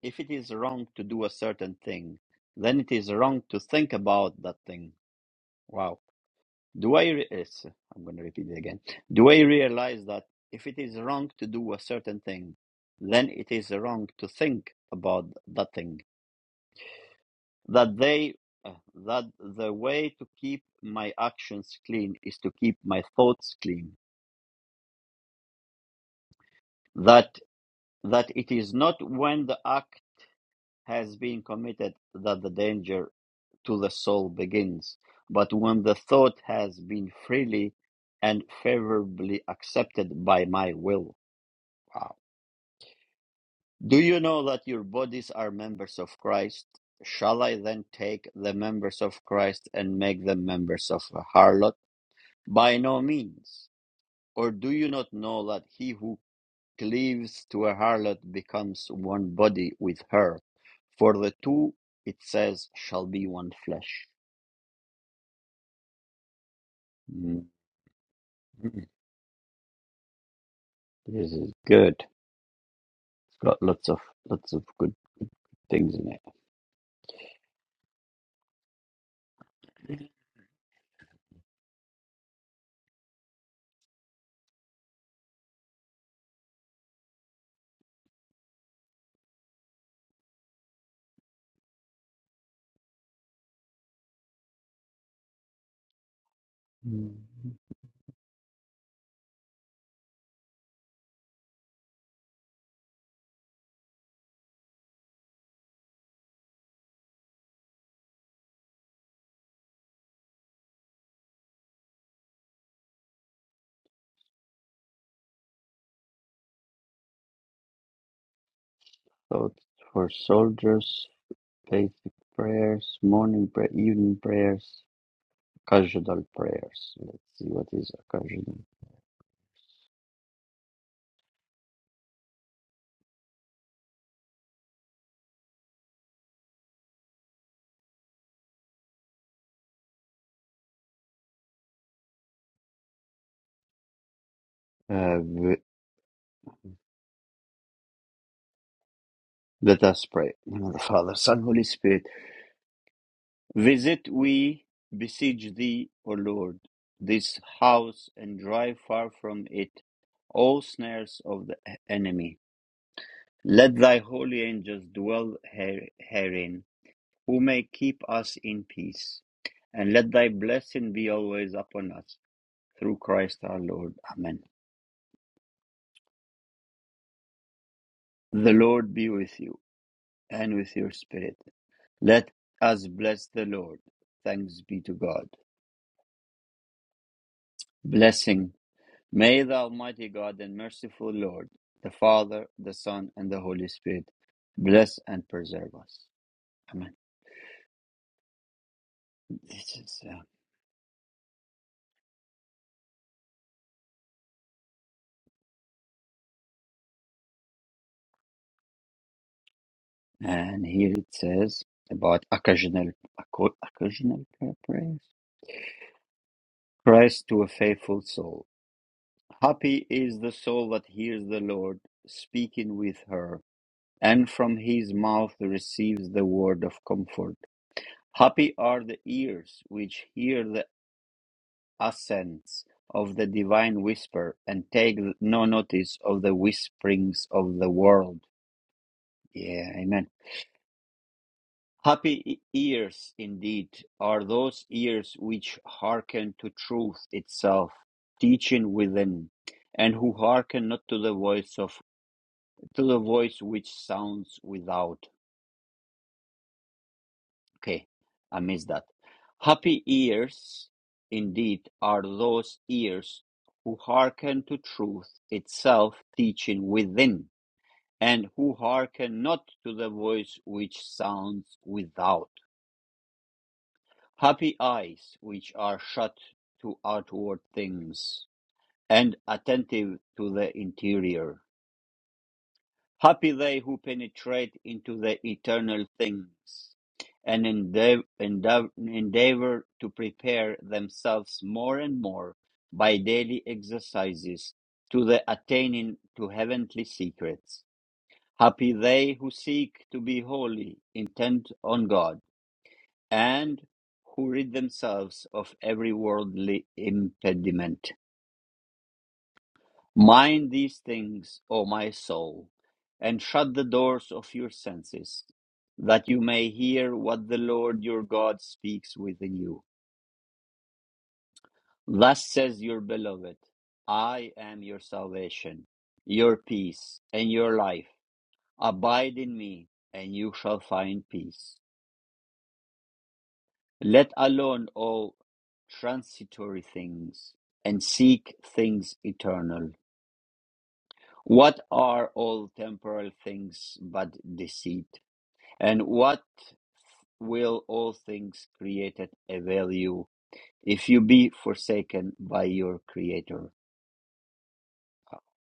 [SPEAKER 1] if it is wrong to do a certain thing, then it is wrong to think about that thing? Wow. Do I, re- it's, I'm going to repeat it again. Do I realize that if it is wrong to do a certain thing, then it is wrong to think about that thing? That they, uh, that the way to keep my actions clean is to keep my thoughts clean. That, that it is not when the act has been committed that the danger to the soul begins, but when the thought has been freely and favorably accepted by my will. Wow Do you know that your bodies are members of Christ? Shall I then take the members of Christ and make them members of a harlot? By no means. Or do you not know that he who cleaves to a harlot becomes one body with her? For the two, it says, shall be one flesh. Mm. This is good. It's got lots of lots of good things in it. Mm. Thoughts for soldiers basic prayers, morning prayer, evening prayers, occasional prayers. Let's see what is occasional. Uh, v- let us pray. In the name of the Father, Son, Holy Spirit. Visit, we beseech thee, O Lord, this house and drive far from it all snares of the enemy. Let thy holy angels dwell her- herein, who may keep us in peace. And let thy blessing be always upon us, through Christ our Lord. Amen. The Lord be with you and with your spirit. Let us bless the Lord. Thanks be to God. Blessing. May the Almighty God and merciful Lord, the Father, the Son, and the Holy Spirit bless and preserve us. Amen. This is, uh, and here it says about occasional, occasional prayers. Christ to a faithful soul. Happy is the soul that hears the Lord speaking with her And from his mouth receives the word of comfort. Happy are the ears which hear the accents of the divine whisper and take no notice of the whisperings of the world. Yeah, amen. Happy e- ears indeed are those ears which hearken to truth itself, teaching within, and who hearken not to the voice of to the voice which sounds without. Okay, I missed that. Happy ears indeed are those ears who hearken to truth itself teaching within, and who hearken not to the voice which sounds without. Happy eyes which are shut to outward things, and attentive to the interior. Happy they who penetrate into the eternal things and endeav- endeav- endeavor to prepare themselves more and more by daily exercises to the attaining to heavenly secrets. Happy they who seek to be holy, intent on God, and who rid themselves of every worldly impediment. Mind these things, O my soul, and shut the doors of your senses, that you may hear what the Lord your God speaks within you. Thus says your beloved, I am your salvation, your peace, and your life. Abide in me, and you shall find peace. Let alone all transitory things, and seek things eternal. What are all temporal things but deceit? And what will all things created avail you if you be forsaken by your Creator?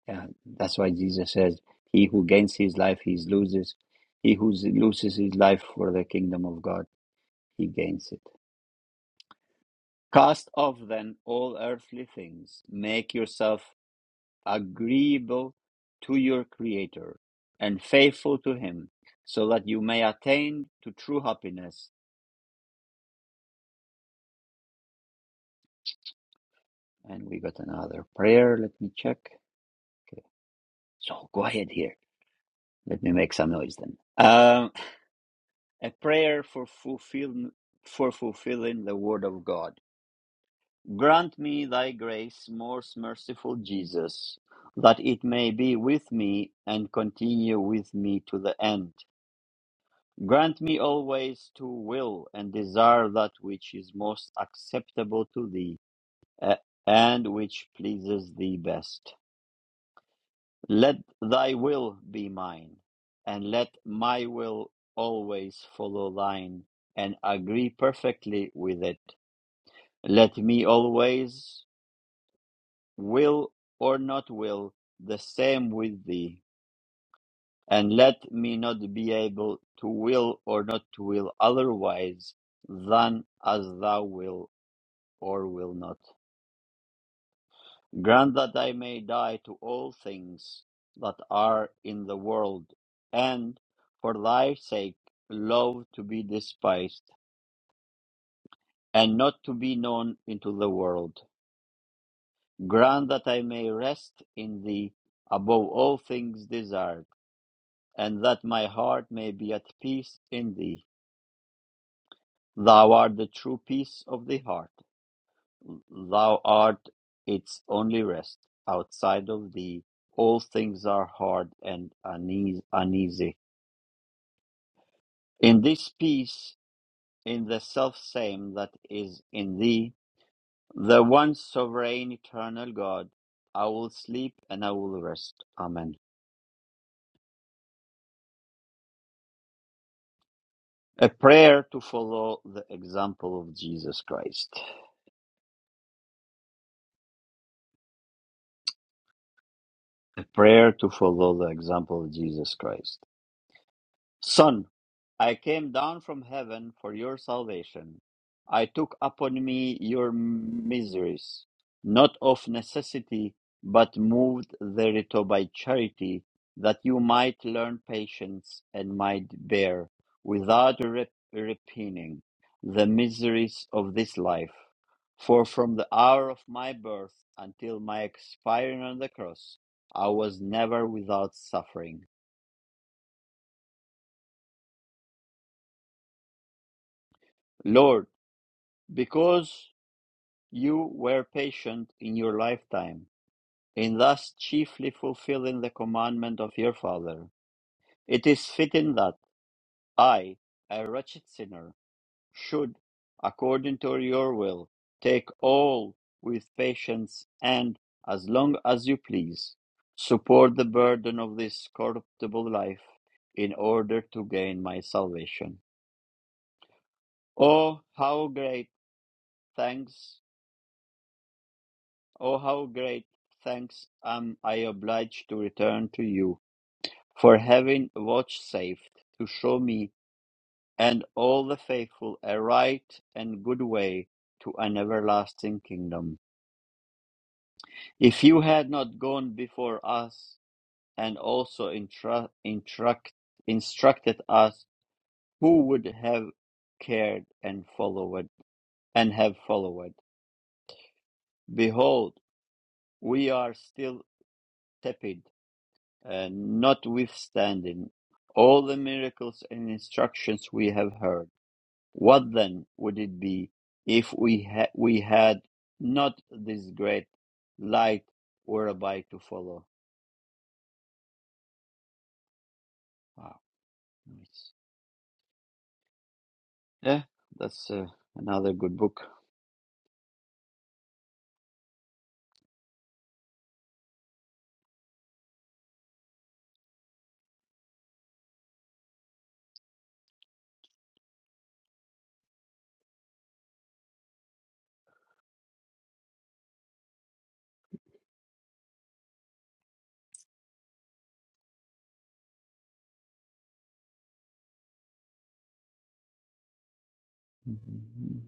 [SPEAKER 1] Yeah, that's why Jesus says, He who gains his life, he loses. He who loses his life for the kingdom of God, he gains it. Cast off then all earthly things, make yourself agreeable to your Creator and faithful to Him, so that you may attain to true happiness. And we got another prayer. Let me check. Okay. So go ahead here. Let me make some noise then. Um, a prayer for fulfill for fulfilling the word of God. Grant me thy grace, most merciful Jesus, that it may be with me and continue with me to the end. Grant me always to will and desire that which is most acceptable to thee uh, and which pleases thee best Let thy will be mine, and let my will always follow thine, and agree perfectly with it. Let me always will or not will the same with thee, and let me not be able to will or not to will otherwise than as thou will or will not. Grant that I may die to all things that are in the world, and for thy sake love to be despised, and not to be known into the world. Grant that I may rest in thee above all things desired, and that my heart may be at peace in thee. Thou art the true peace of the heart. Thou art its only rest. Outside of thee, all things are hard and uneasy. In this peace, in the self same that is in thee, the one sovereign eternal God, I will sleep and I will rest. Amen. A prayer to follow the example of Jesus Christ. A prayer to follow the example of Jesus Christ. Son, I came down from heaven for your salvation. I took upon me your miseries, not of necessity, but moved thereto by charity, that you might learn patience and might bear, without rep- repining, the miseries of this life. For from the hour of my birth until my expiring on the cross, I was never without suffering. Lord, because You were patient in your lifetime, in thus chiefly fulfilling the commandment of your Father. It is fitting that I, a wretched sinner, should, according to your will, take all with patience and, as long as you please, support the burden of this corruptible life in order to gain my salvation. Oh, how great thanks Oh, how great thanks am I obliged to return to you for having vouchsafed to show me and all the faithful a right and good way to an everlasting kingdom. If you had not gone before us and also intra- instruct- instructed us, who would have cared and followed and have followed? Behold, we are still tepid And notwithstanding all the miracles and instructions we have heard, what then would it be if we, ha- we had not this great light whereby to follow? Wow, nice. Yeah, that's uh, another good book. Mhm.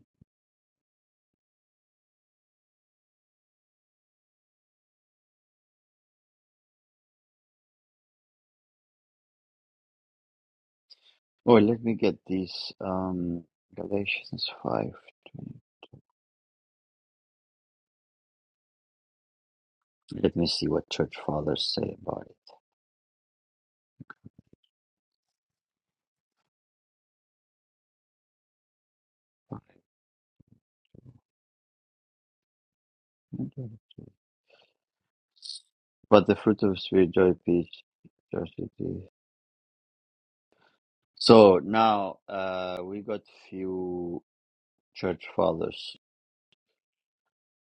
[SPEAKER 1] Oh, let me get these um, Galatians 5. Let me see what church fathers say about it. But the fruit of the spirit, joy, peace, So now uh, we got few church fathers.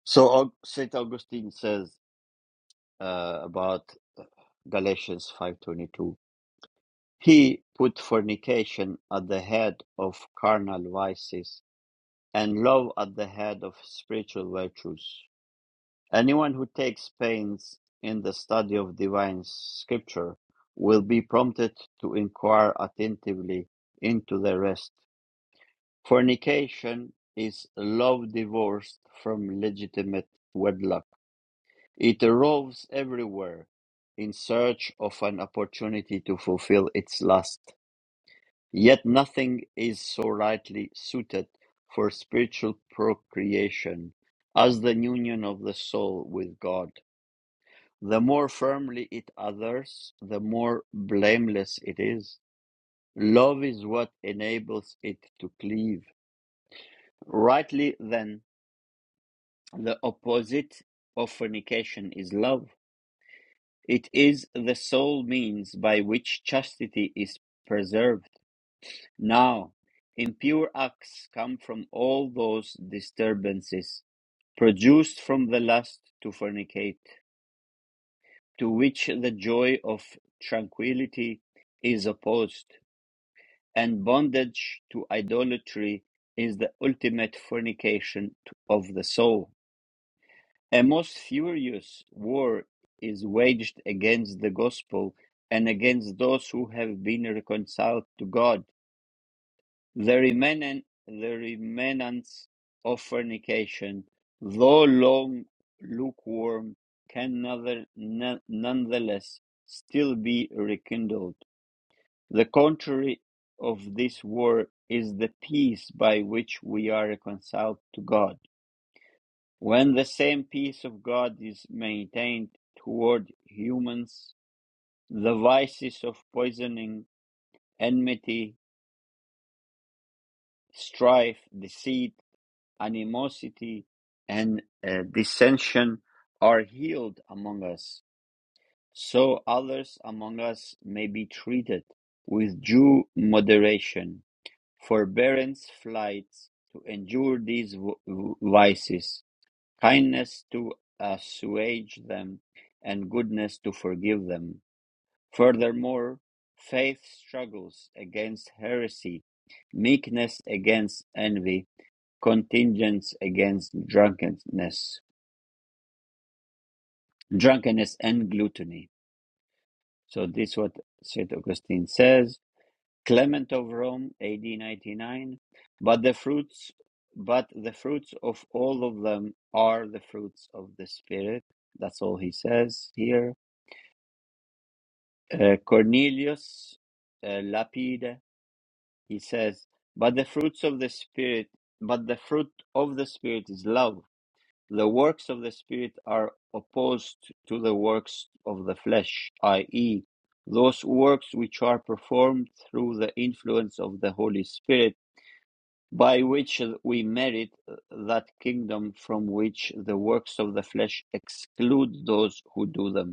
[SPEAKER 1] So Aug- Saint Augustine says uh, about Galatians five twenty two. He put fornication at the head of carnal vices and love at the head of spiritual virtues. Anyone who takes pains in the study of divine scripture will be prompted to inquire attentively into the rest Fornication is love divorced from legitimate wedlock. It roves everywhere in search of an opportunity to fulfill its lust. Yet nothing is so rightly suited for spiritual procreation as the union of the soul with God. The more firmly it others, the more blameless it is. Love is what enables it to cleave. Rightly, then, The opposite of fornication is love. It is the sole means by which chastity is preserved. Now, impure acts come from all those disturbances produced from the lust to fornicate, to which the joy of tranquility is opposed, and bondage to idolatry is the ultimate fornication of the soul. A most furious war is waged against the gospel and against those who have been reconciled to God. The remnant, the remnants of fornication, though long lukewarm, can nother- no- nonetheless still be rekindled. The contrary of this war is the peace by which we are reconciled to God. When the same peace of God is maintained toward humans, the vices of poisoning, enmity, strife, deceit, animosity, and uh, dissension are healed among us, so others among us may be treated with due moderation, forbearance flights to endure these v- v- vices kindness to assuage them, and goodness to forgive them. Furthermore, faith struggles against heresy, meekness against envy, contingence against drunkenness, drunkenness and gluttony. So this is what St. Augustine says. Clement of Rome, AD 99, but the fruits but the fruits of all of them are the fruits of the spirit. That's all he says here Uh, Cornelius uh, Lapide, he says, "But the fruits of the spirit, but the fruit of the spirit is love. The works of the spirit are opposed to the works of the flesh, i.e., those works which are performed through the influence of the Holy Spirit, by which we merit that kingdom from which the works of the flesh exclude those who do them."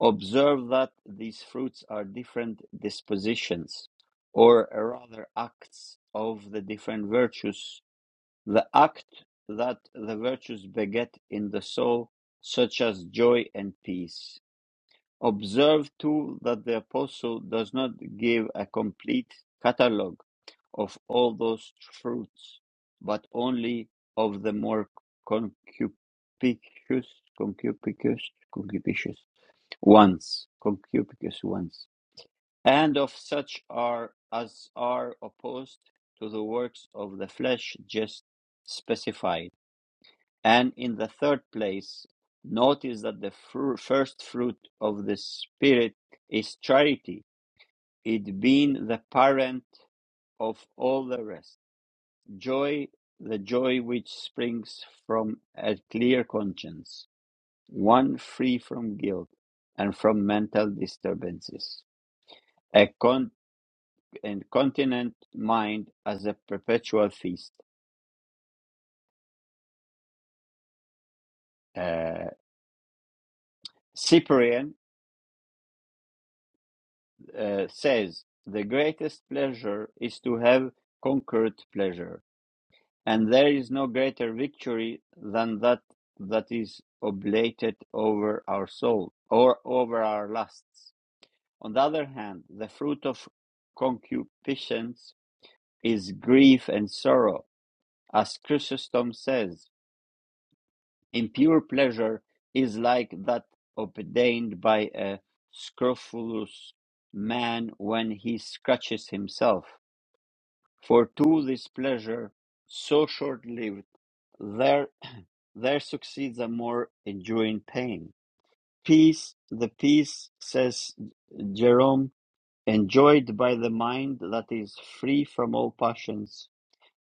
[SPEAKER 1] Observe that these fruits are different dispositions, or rather acts of the different virtues, the act that the virtues beget in the soul, such as joy and peace. Observe too that the Apostle does not give a complete catalogue of all those fruits, but only of the more concupiscous, concupiscous, concupiscous once, concupiscence once, and of such are as are opposed to the works of the flesh just specified. And in the third place, notice that the fru- first fruit of the Spirit is charity, it being the parent of all the rest. Joy, the joy which springs from a clear conscience, one free from guilt and from mental disturbances a, con- and continent mind as a perpetual feast. Uh, Cyprian uh, says, The greatest pleasure is to have conquered pleasure, and there is no greater victory than that that is oblated over our soul or over our lusts. On the other hand, the fruit of concupiscence is grief and sorrow, as Chrysostom says Impure pleasure is like that obtained by a scrofulous man when he scratches himself. For to this pleasure, so short lived, there, there succeeds a more enduring pain. Peace, the peace, says Jerome, enjoyed by the mind that is free from all passions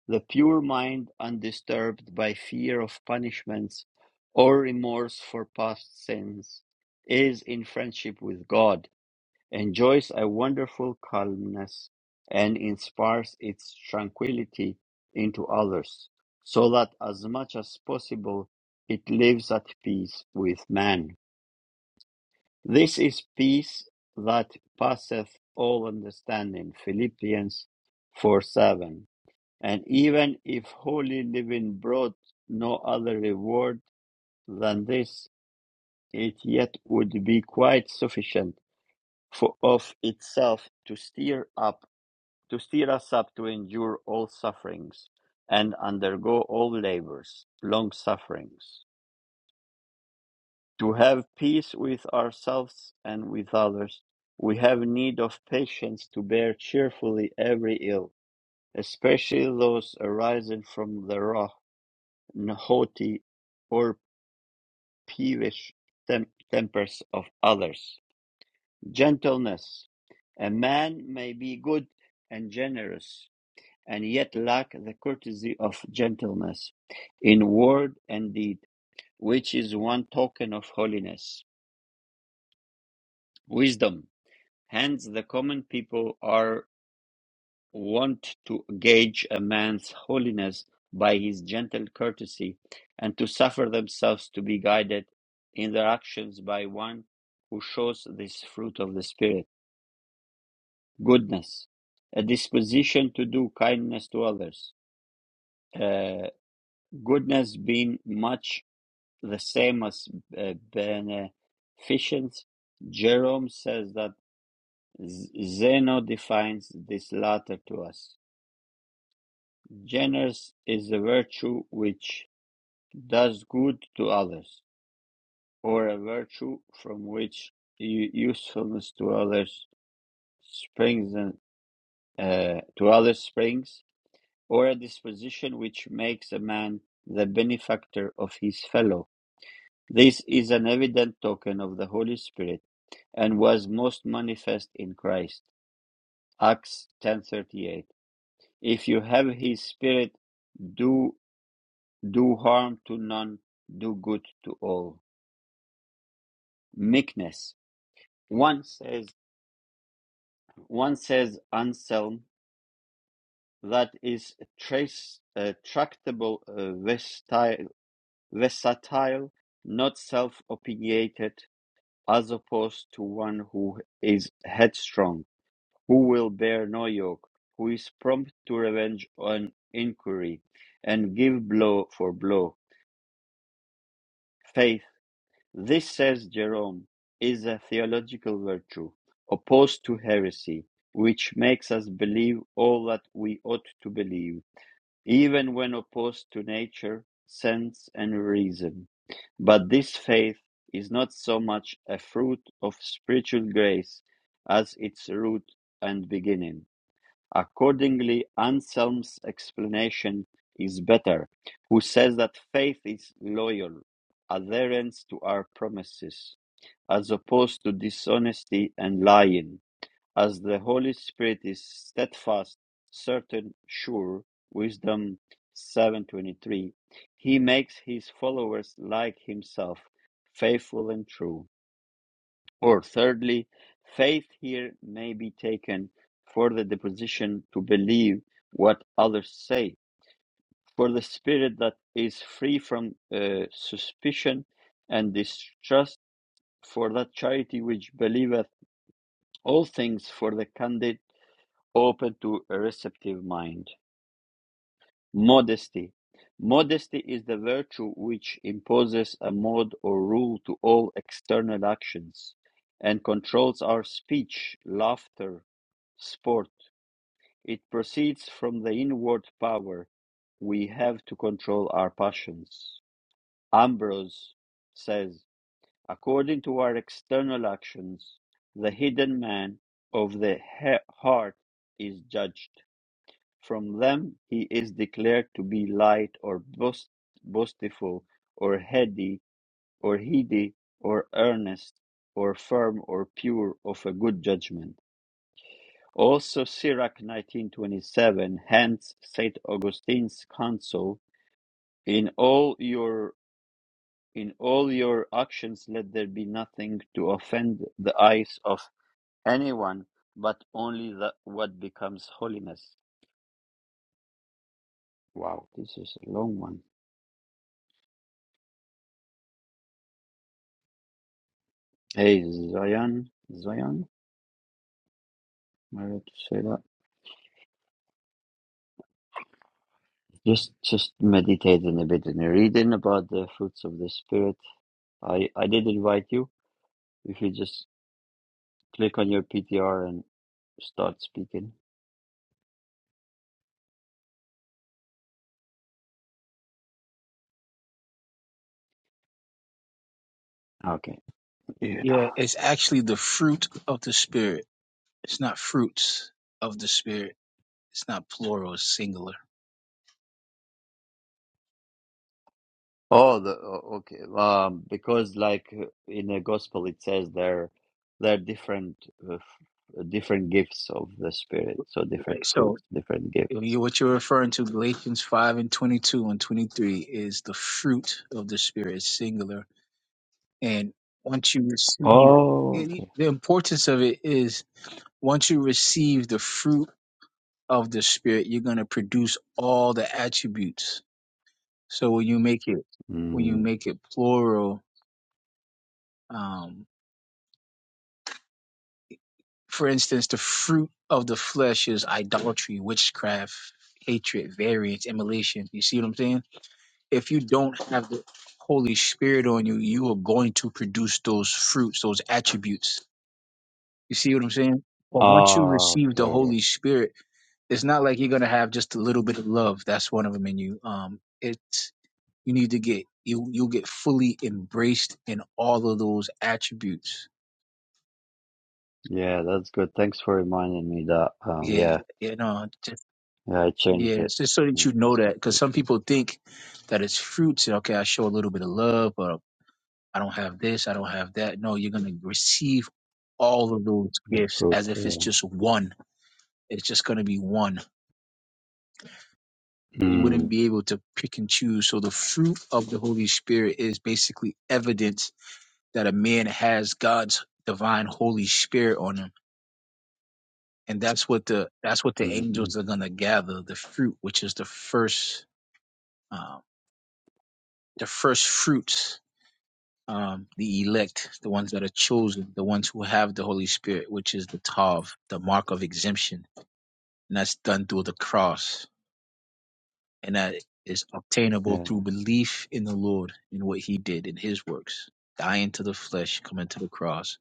[SPEAKER 1] the pure mind, undisturbed by fear of punishments or remorse for past sins, is in friendship with God, enjoys a wonderful calmness, and inspires its tranquility into others, so that as much as possible it lives at peace with man. This is peace that passeth all understanding. Philippians 4 7 and even if holy living brought no other reward than this, it yet would be quite sufficient for of itself to steer up to steer us up to endure all sufferings and undergo all labors, long sufferings. To have peace with ourselves and with others, we have need of patience to bear cheerfully every ill, especially those arising from the wrath haughty or peevish tem- tempers of others. Gentleness. A man may be good and generous, and yet lack the courtesy of gentleness in word and deed, which is one token of holiness. Wisdom. Hence, the common people are want to gauge a man's holiness by his gentle courtesy, and to suffer themselves to be guided in their actions by one who shows this fruit of the Spirit goodness, a disposition to do kindness to others. Uh, goodness being much the same as uh, beneficence, Jerome says that Zeno defines this latter to us. Generous is a virtue which does good to others, or a virtue from which usefulness to others springs, and, uh, to others springs, or a disposition which makes a man the benefactor of his fellow. This is an evident token of the Holy Spirit, and was most manifest in Christ. Acts ten thirty eight. If you have His Spirit, do do harm to none, do good to all. Meekness One says, one says Anselm, that is trace, uh, tractable, uh, versatile, versatile, not self-opinionated, as opposed to one who is headstrong, who will bear no yoke, who is prompt to revenge on inquiry, and give blow for blow. faith. This, says Jerome, is a theological virtue, opposed to heresy, which makes us believe all that we ought to believe, even when opposed to nature, sense, and reason. But this faith is not so much a fruit of spiritual grace as its root and beginning. Accordingly, Anselm's explanation is better, who says that faith is loyal adherence to our promises, as opposed to dishonesty and lying, as the Holy Spirit is steadfast, certain, sure, wisdom 7:23. He makes his followers like himself, faithful and true. Or thirdly, faith here may be taken for the disposition to believe what others say, for the spirit that is free from uh, suspicion and distrust, for that charity which believeth all things, for the candid open to a receptive mind. Modesty. Modesty is the virtue which imposes a mode or rule to all external actions and controls our speech, laughter, sport. It proceeds from the inward power we have to control our passions. Ambrose says, according to our external actions, the hidden man of the he- heart is judged. From them he is declared to be light or boast, boastful or heady or heady or earnest or firm or pure of a good judgment. Also Sirach 1927, hence Saint Augustine's counsel, in all your in all your actions let there be nothing to offend the eyes of anyone, but only the, what becomes holiness. Wow, this is a long one. Hey, Zion, Zion, am I right to say that? Just, just meditating a bit and reading about the fruits of the spirit. I, I did invite you. If you just click on your PTR and start speaking. Okay. Yeah.
[SPEAKER 8] Yeah, it's actually the fruit of the spirit. It's not fruits of the spirit. It's not plural, it's singular.
[SPEAKER 1] Oh, the, oh, okay. Um, because like uh, in the gospel, it says there, there are different, uh, f- different gifts of the spirit. So different
[SPEAKER 8] Right. So
[SPEAKER 1] fruits, different
[SPEAKER 8] if
[SPEAKER 1] gifts.
[SPEAKER 8] you, what you're referring to, Galatians 5 and 22 and 23 is the fruit of the spirit, it's singular. And once you receive,
[SPEAKER 1] Oh,
[SPEAKER 8] it,
[SPEAKER 1] okay.
[SPEAKER 8] the importance of it is once you receive the fruit of the spirit, you're going to produce all the attributes. So when you make it, when you
[SPEAKER 1] Mm.
[SPEAKER 8] make it plural, um, For instance, the fruit of the flesh is idolatry, witchcraft, hatred, variance, immolation. You see what I'm saying? If you don't have the Holy Spirit on you, you are going to produce those fruits, those attributes. You see what I'm saying? But once you
[SPEAKER 1] Ah,
[SPEAKER 8] receive the
[SPEAKER 1] okay.
[SPEAKER 8] Holy Spirit, it's not like you're gonna have just a little bit of love. That's one of them in you. Um, it's you need to get you you'll get fully embraced in all of those attributes.
[SPEAKER 1] Yeah, that's good. Thanks for reminding me that. Um,
[SPEAKER 8] Yeah,
[SPEAKER 1] yeah,
[SPEAKER 8] you know.
[SPEAKER 1] yeah, I changed it.
[SPEAKER 8] Yes, just so that
[SPEAKER 1] Yeah,
[SPEAKER 8] you know
[SPEAKER 1] that's
[SPEAKER 8] that,
[SPEAKER 1] good.
[SPEAKER 8] because
[SPEAKER 1] That's
[SPEAKER 8] some
[SPEAKER 1] good.
[SPEAKER 8] people think that it's fruits. okay, I show a little bit of love, but I don't have this, I don't have that. No, you're going to receive all of those
[SPEAKER 1] The
[SPEAKER 8] gifts
[SPEAKER 1] fruit.
[SPEAKER 8] as if it's
[SPEAKER 1] Yeah.
[SPEAKER 8] just one. It's just going to be one. So You wouldn't
[SPEAKER 1] Mm,
[SPEAKER 8] be able to pick and choose. So the fruit of the Holy Spirit is basically evidence that a man has God's divine Holy Spirit on him, and that's what the that's what the
[SPEAKER 1] mm, mm.
[SPEAKER 8] angels are going to gather the fruit, which is the first um, the first fruits um, the elect, the ones that are chosen, the ones who have the Holy Spirit, which is the Tav, the mark of exemption. And that's done through the cross. And that is obtainable through
[SPEAKER 1] Yeah.
[SPEAKER 8] belief in the Lord, in what he did, in his works, dying to the flesh, coming to the cross,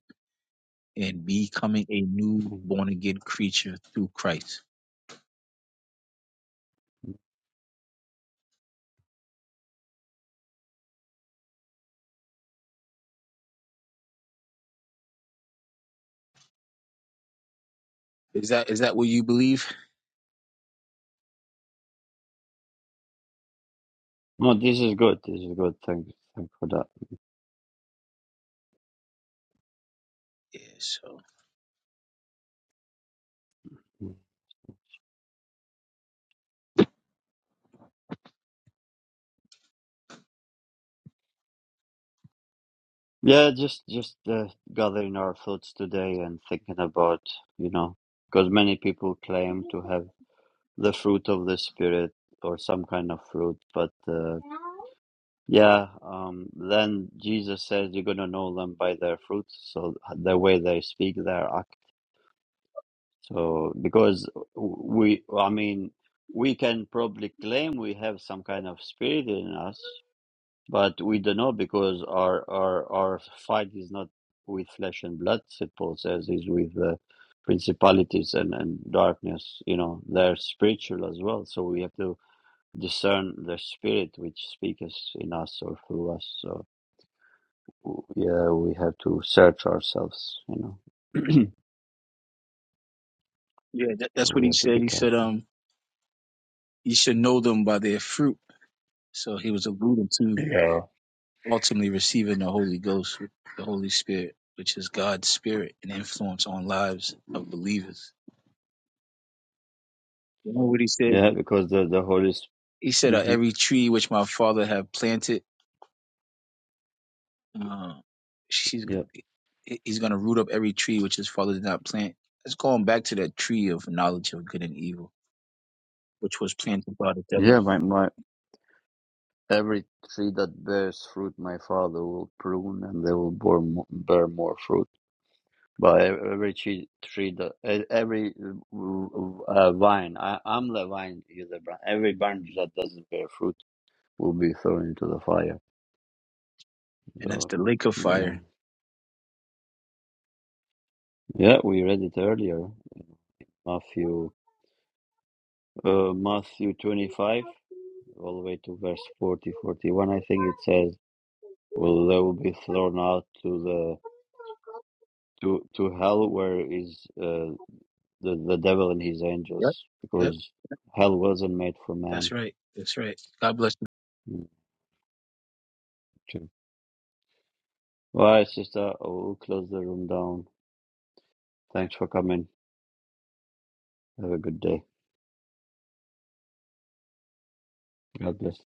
[SPEAKER 8] and becoming a new
[SPEAKER 1] mm.
[SPEAKER 8] born again creature through Christ. Is that is that what you believe?
[SPEAKER 1] No, this is good. This is good. Thanks. Thanks for that.
[SPEAKER 8] Yeah, so
[SPEAKER 1] Mm. Yeah, just just uh, gathering our thoughts today and thinking about you know because many people claim to have the fruit of the spirit or some kind of fruit, but uh, Yeah, um, then Jesus says you're gonna know them by their fruits, so the way they speak, their act. So because we, I mean, we can probably claim we have some kind of spirit in us, but we don't know because our our our fight is not with flesh and blood. St. Paul says is with uh, principalities and and darkness. You know, they're spiritual as well, so we have to discern the spirit which speaks in us or through us. So. w- yeah, we have to search ourselves, you know.
[SPEAKER 8] yeah, that,
[SPEAKER 1] So
[SPEAKER 8] that's what
[SPEAKER 1] we
[SPEAKER 8] he
[SPEAKER 1] have to
[SPEAKER 8] said.
[SPEAKER 1] be
[SPEAKER 8] He said,
[SPEAKER 1] careful.
[SPEAKER 8] um, you should know them by their fruit. So he was alluding to
[SPEAKER 1] Yeah.
[SPEAKER 8] ultimately receiving the Holy Ghost, the Holy Spirit, which is God's spirit and influence on lives of believers. Remember what he said?
[SPEAKER 1] Yeah, because the the Holy
[SPEAKER 8] He said, uh,
[SPEAKER 1] Spirit. hmm
[SPEAKER 8] "Every tree which my Father have planted, uh, she's
[SPEAKER 1] Yeah,
[SPEAKER 8] he's going to root up every tree which his Father did not plant." It's going back to that tree of knowledge of good and evil, which was planted by the devil,
[SPEAKER 1] yeah. My my every tree that bears fruit, my Father will prune, and they will bear more, bear more fruit. But ev- every tree, tree that e- every uh, vine, I, I'm the vine, you're the branch. Every branch that doesn't bear fruit will be thrown into the fire.
[SPEAKER 8] and that's
[SPEAKER 1] So,
[SPEAKER 8] the lake of
[SPEAKER 1] yeah,
[SPEAKER 8] fire.
[SPEAKER 1] yeah. We read it earlier, Matthew Uh, Matthew 25, all the way to verse 40, 41, I think it says, Well, they will be thrown out to the to to hell, where is uh, the the devil and his
[SPEAKER 8] Yep,
[SPEAKER 1] angels,
[SPEAKER 8] yep,
[SPEAKER 1] because hell wasn't made for man.
[SPEAKER 8] that's right, that's right. God bless.
[SPEAKER 1] Mm, True. All right, sister, I will close the room down. Thanks for coming. Have a good day. God bless.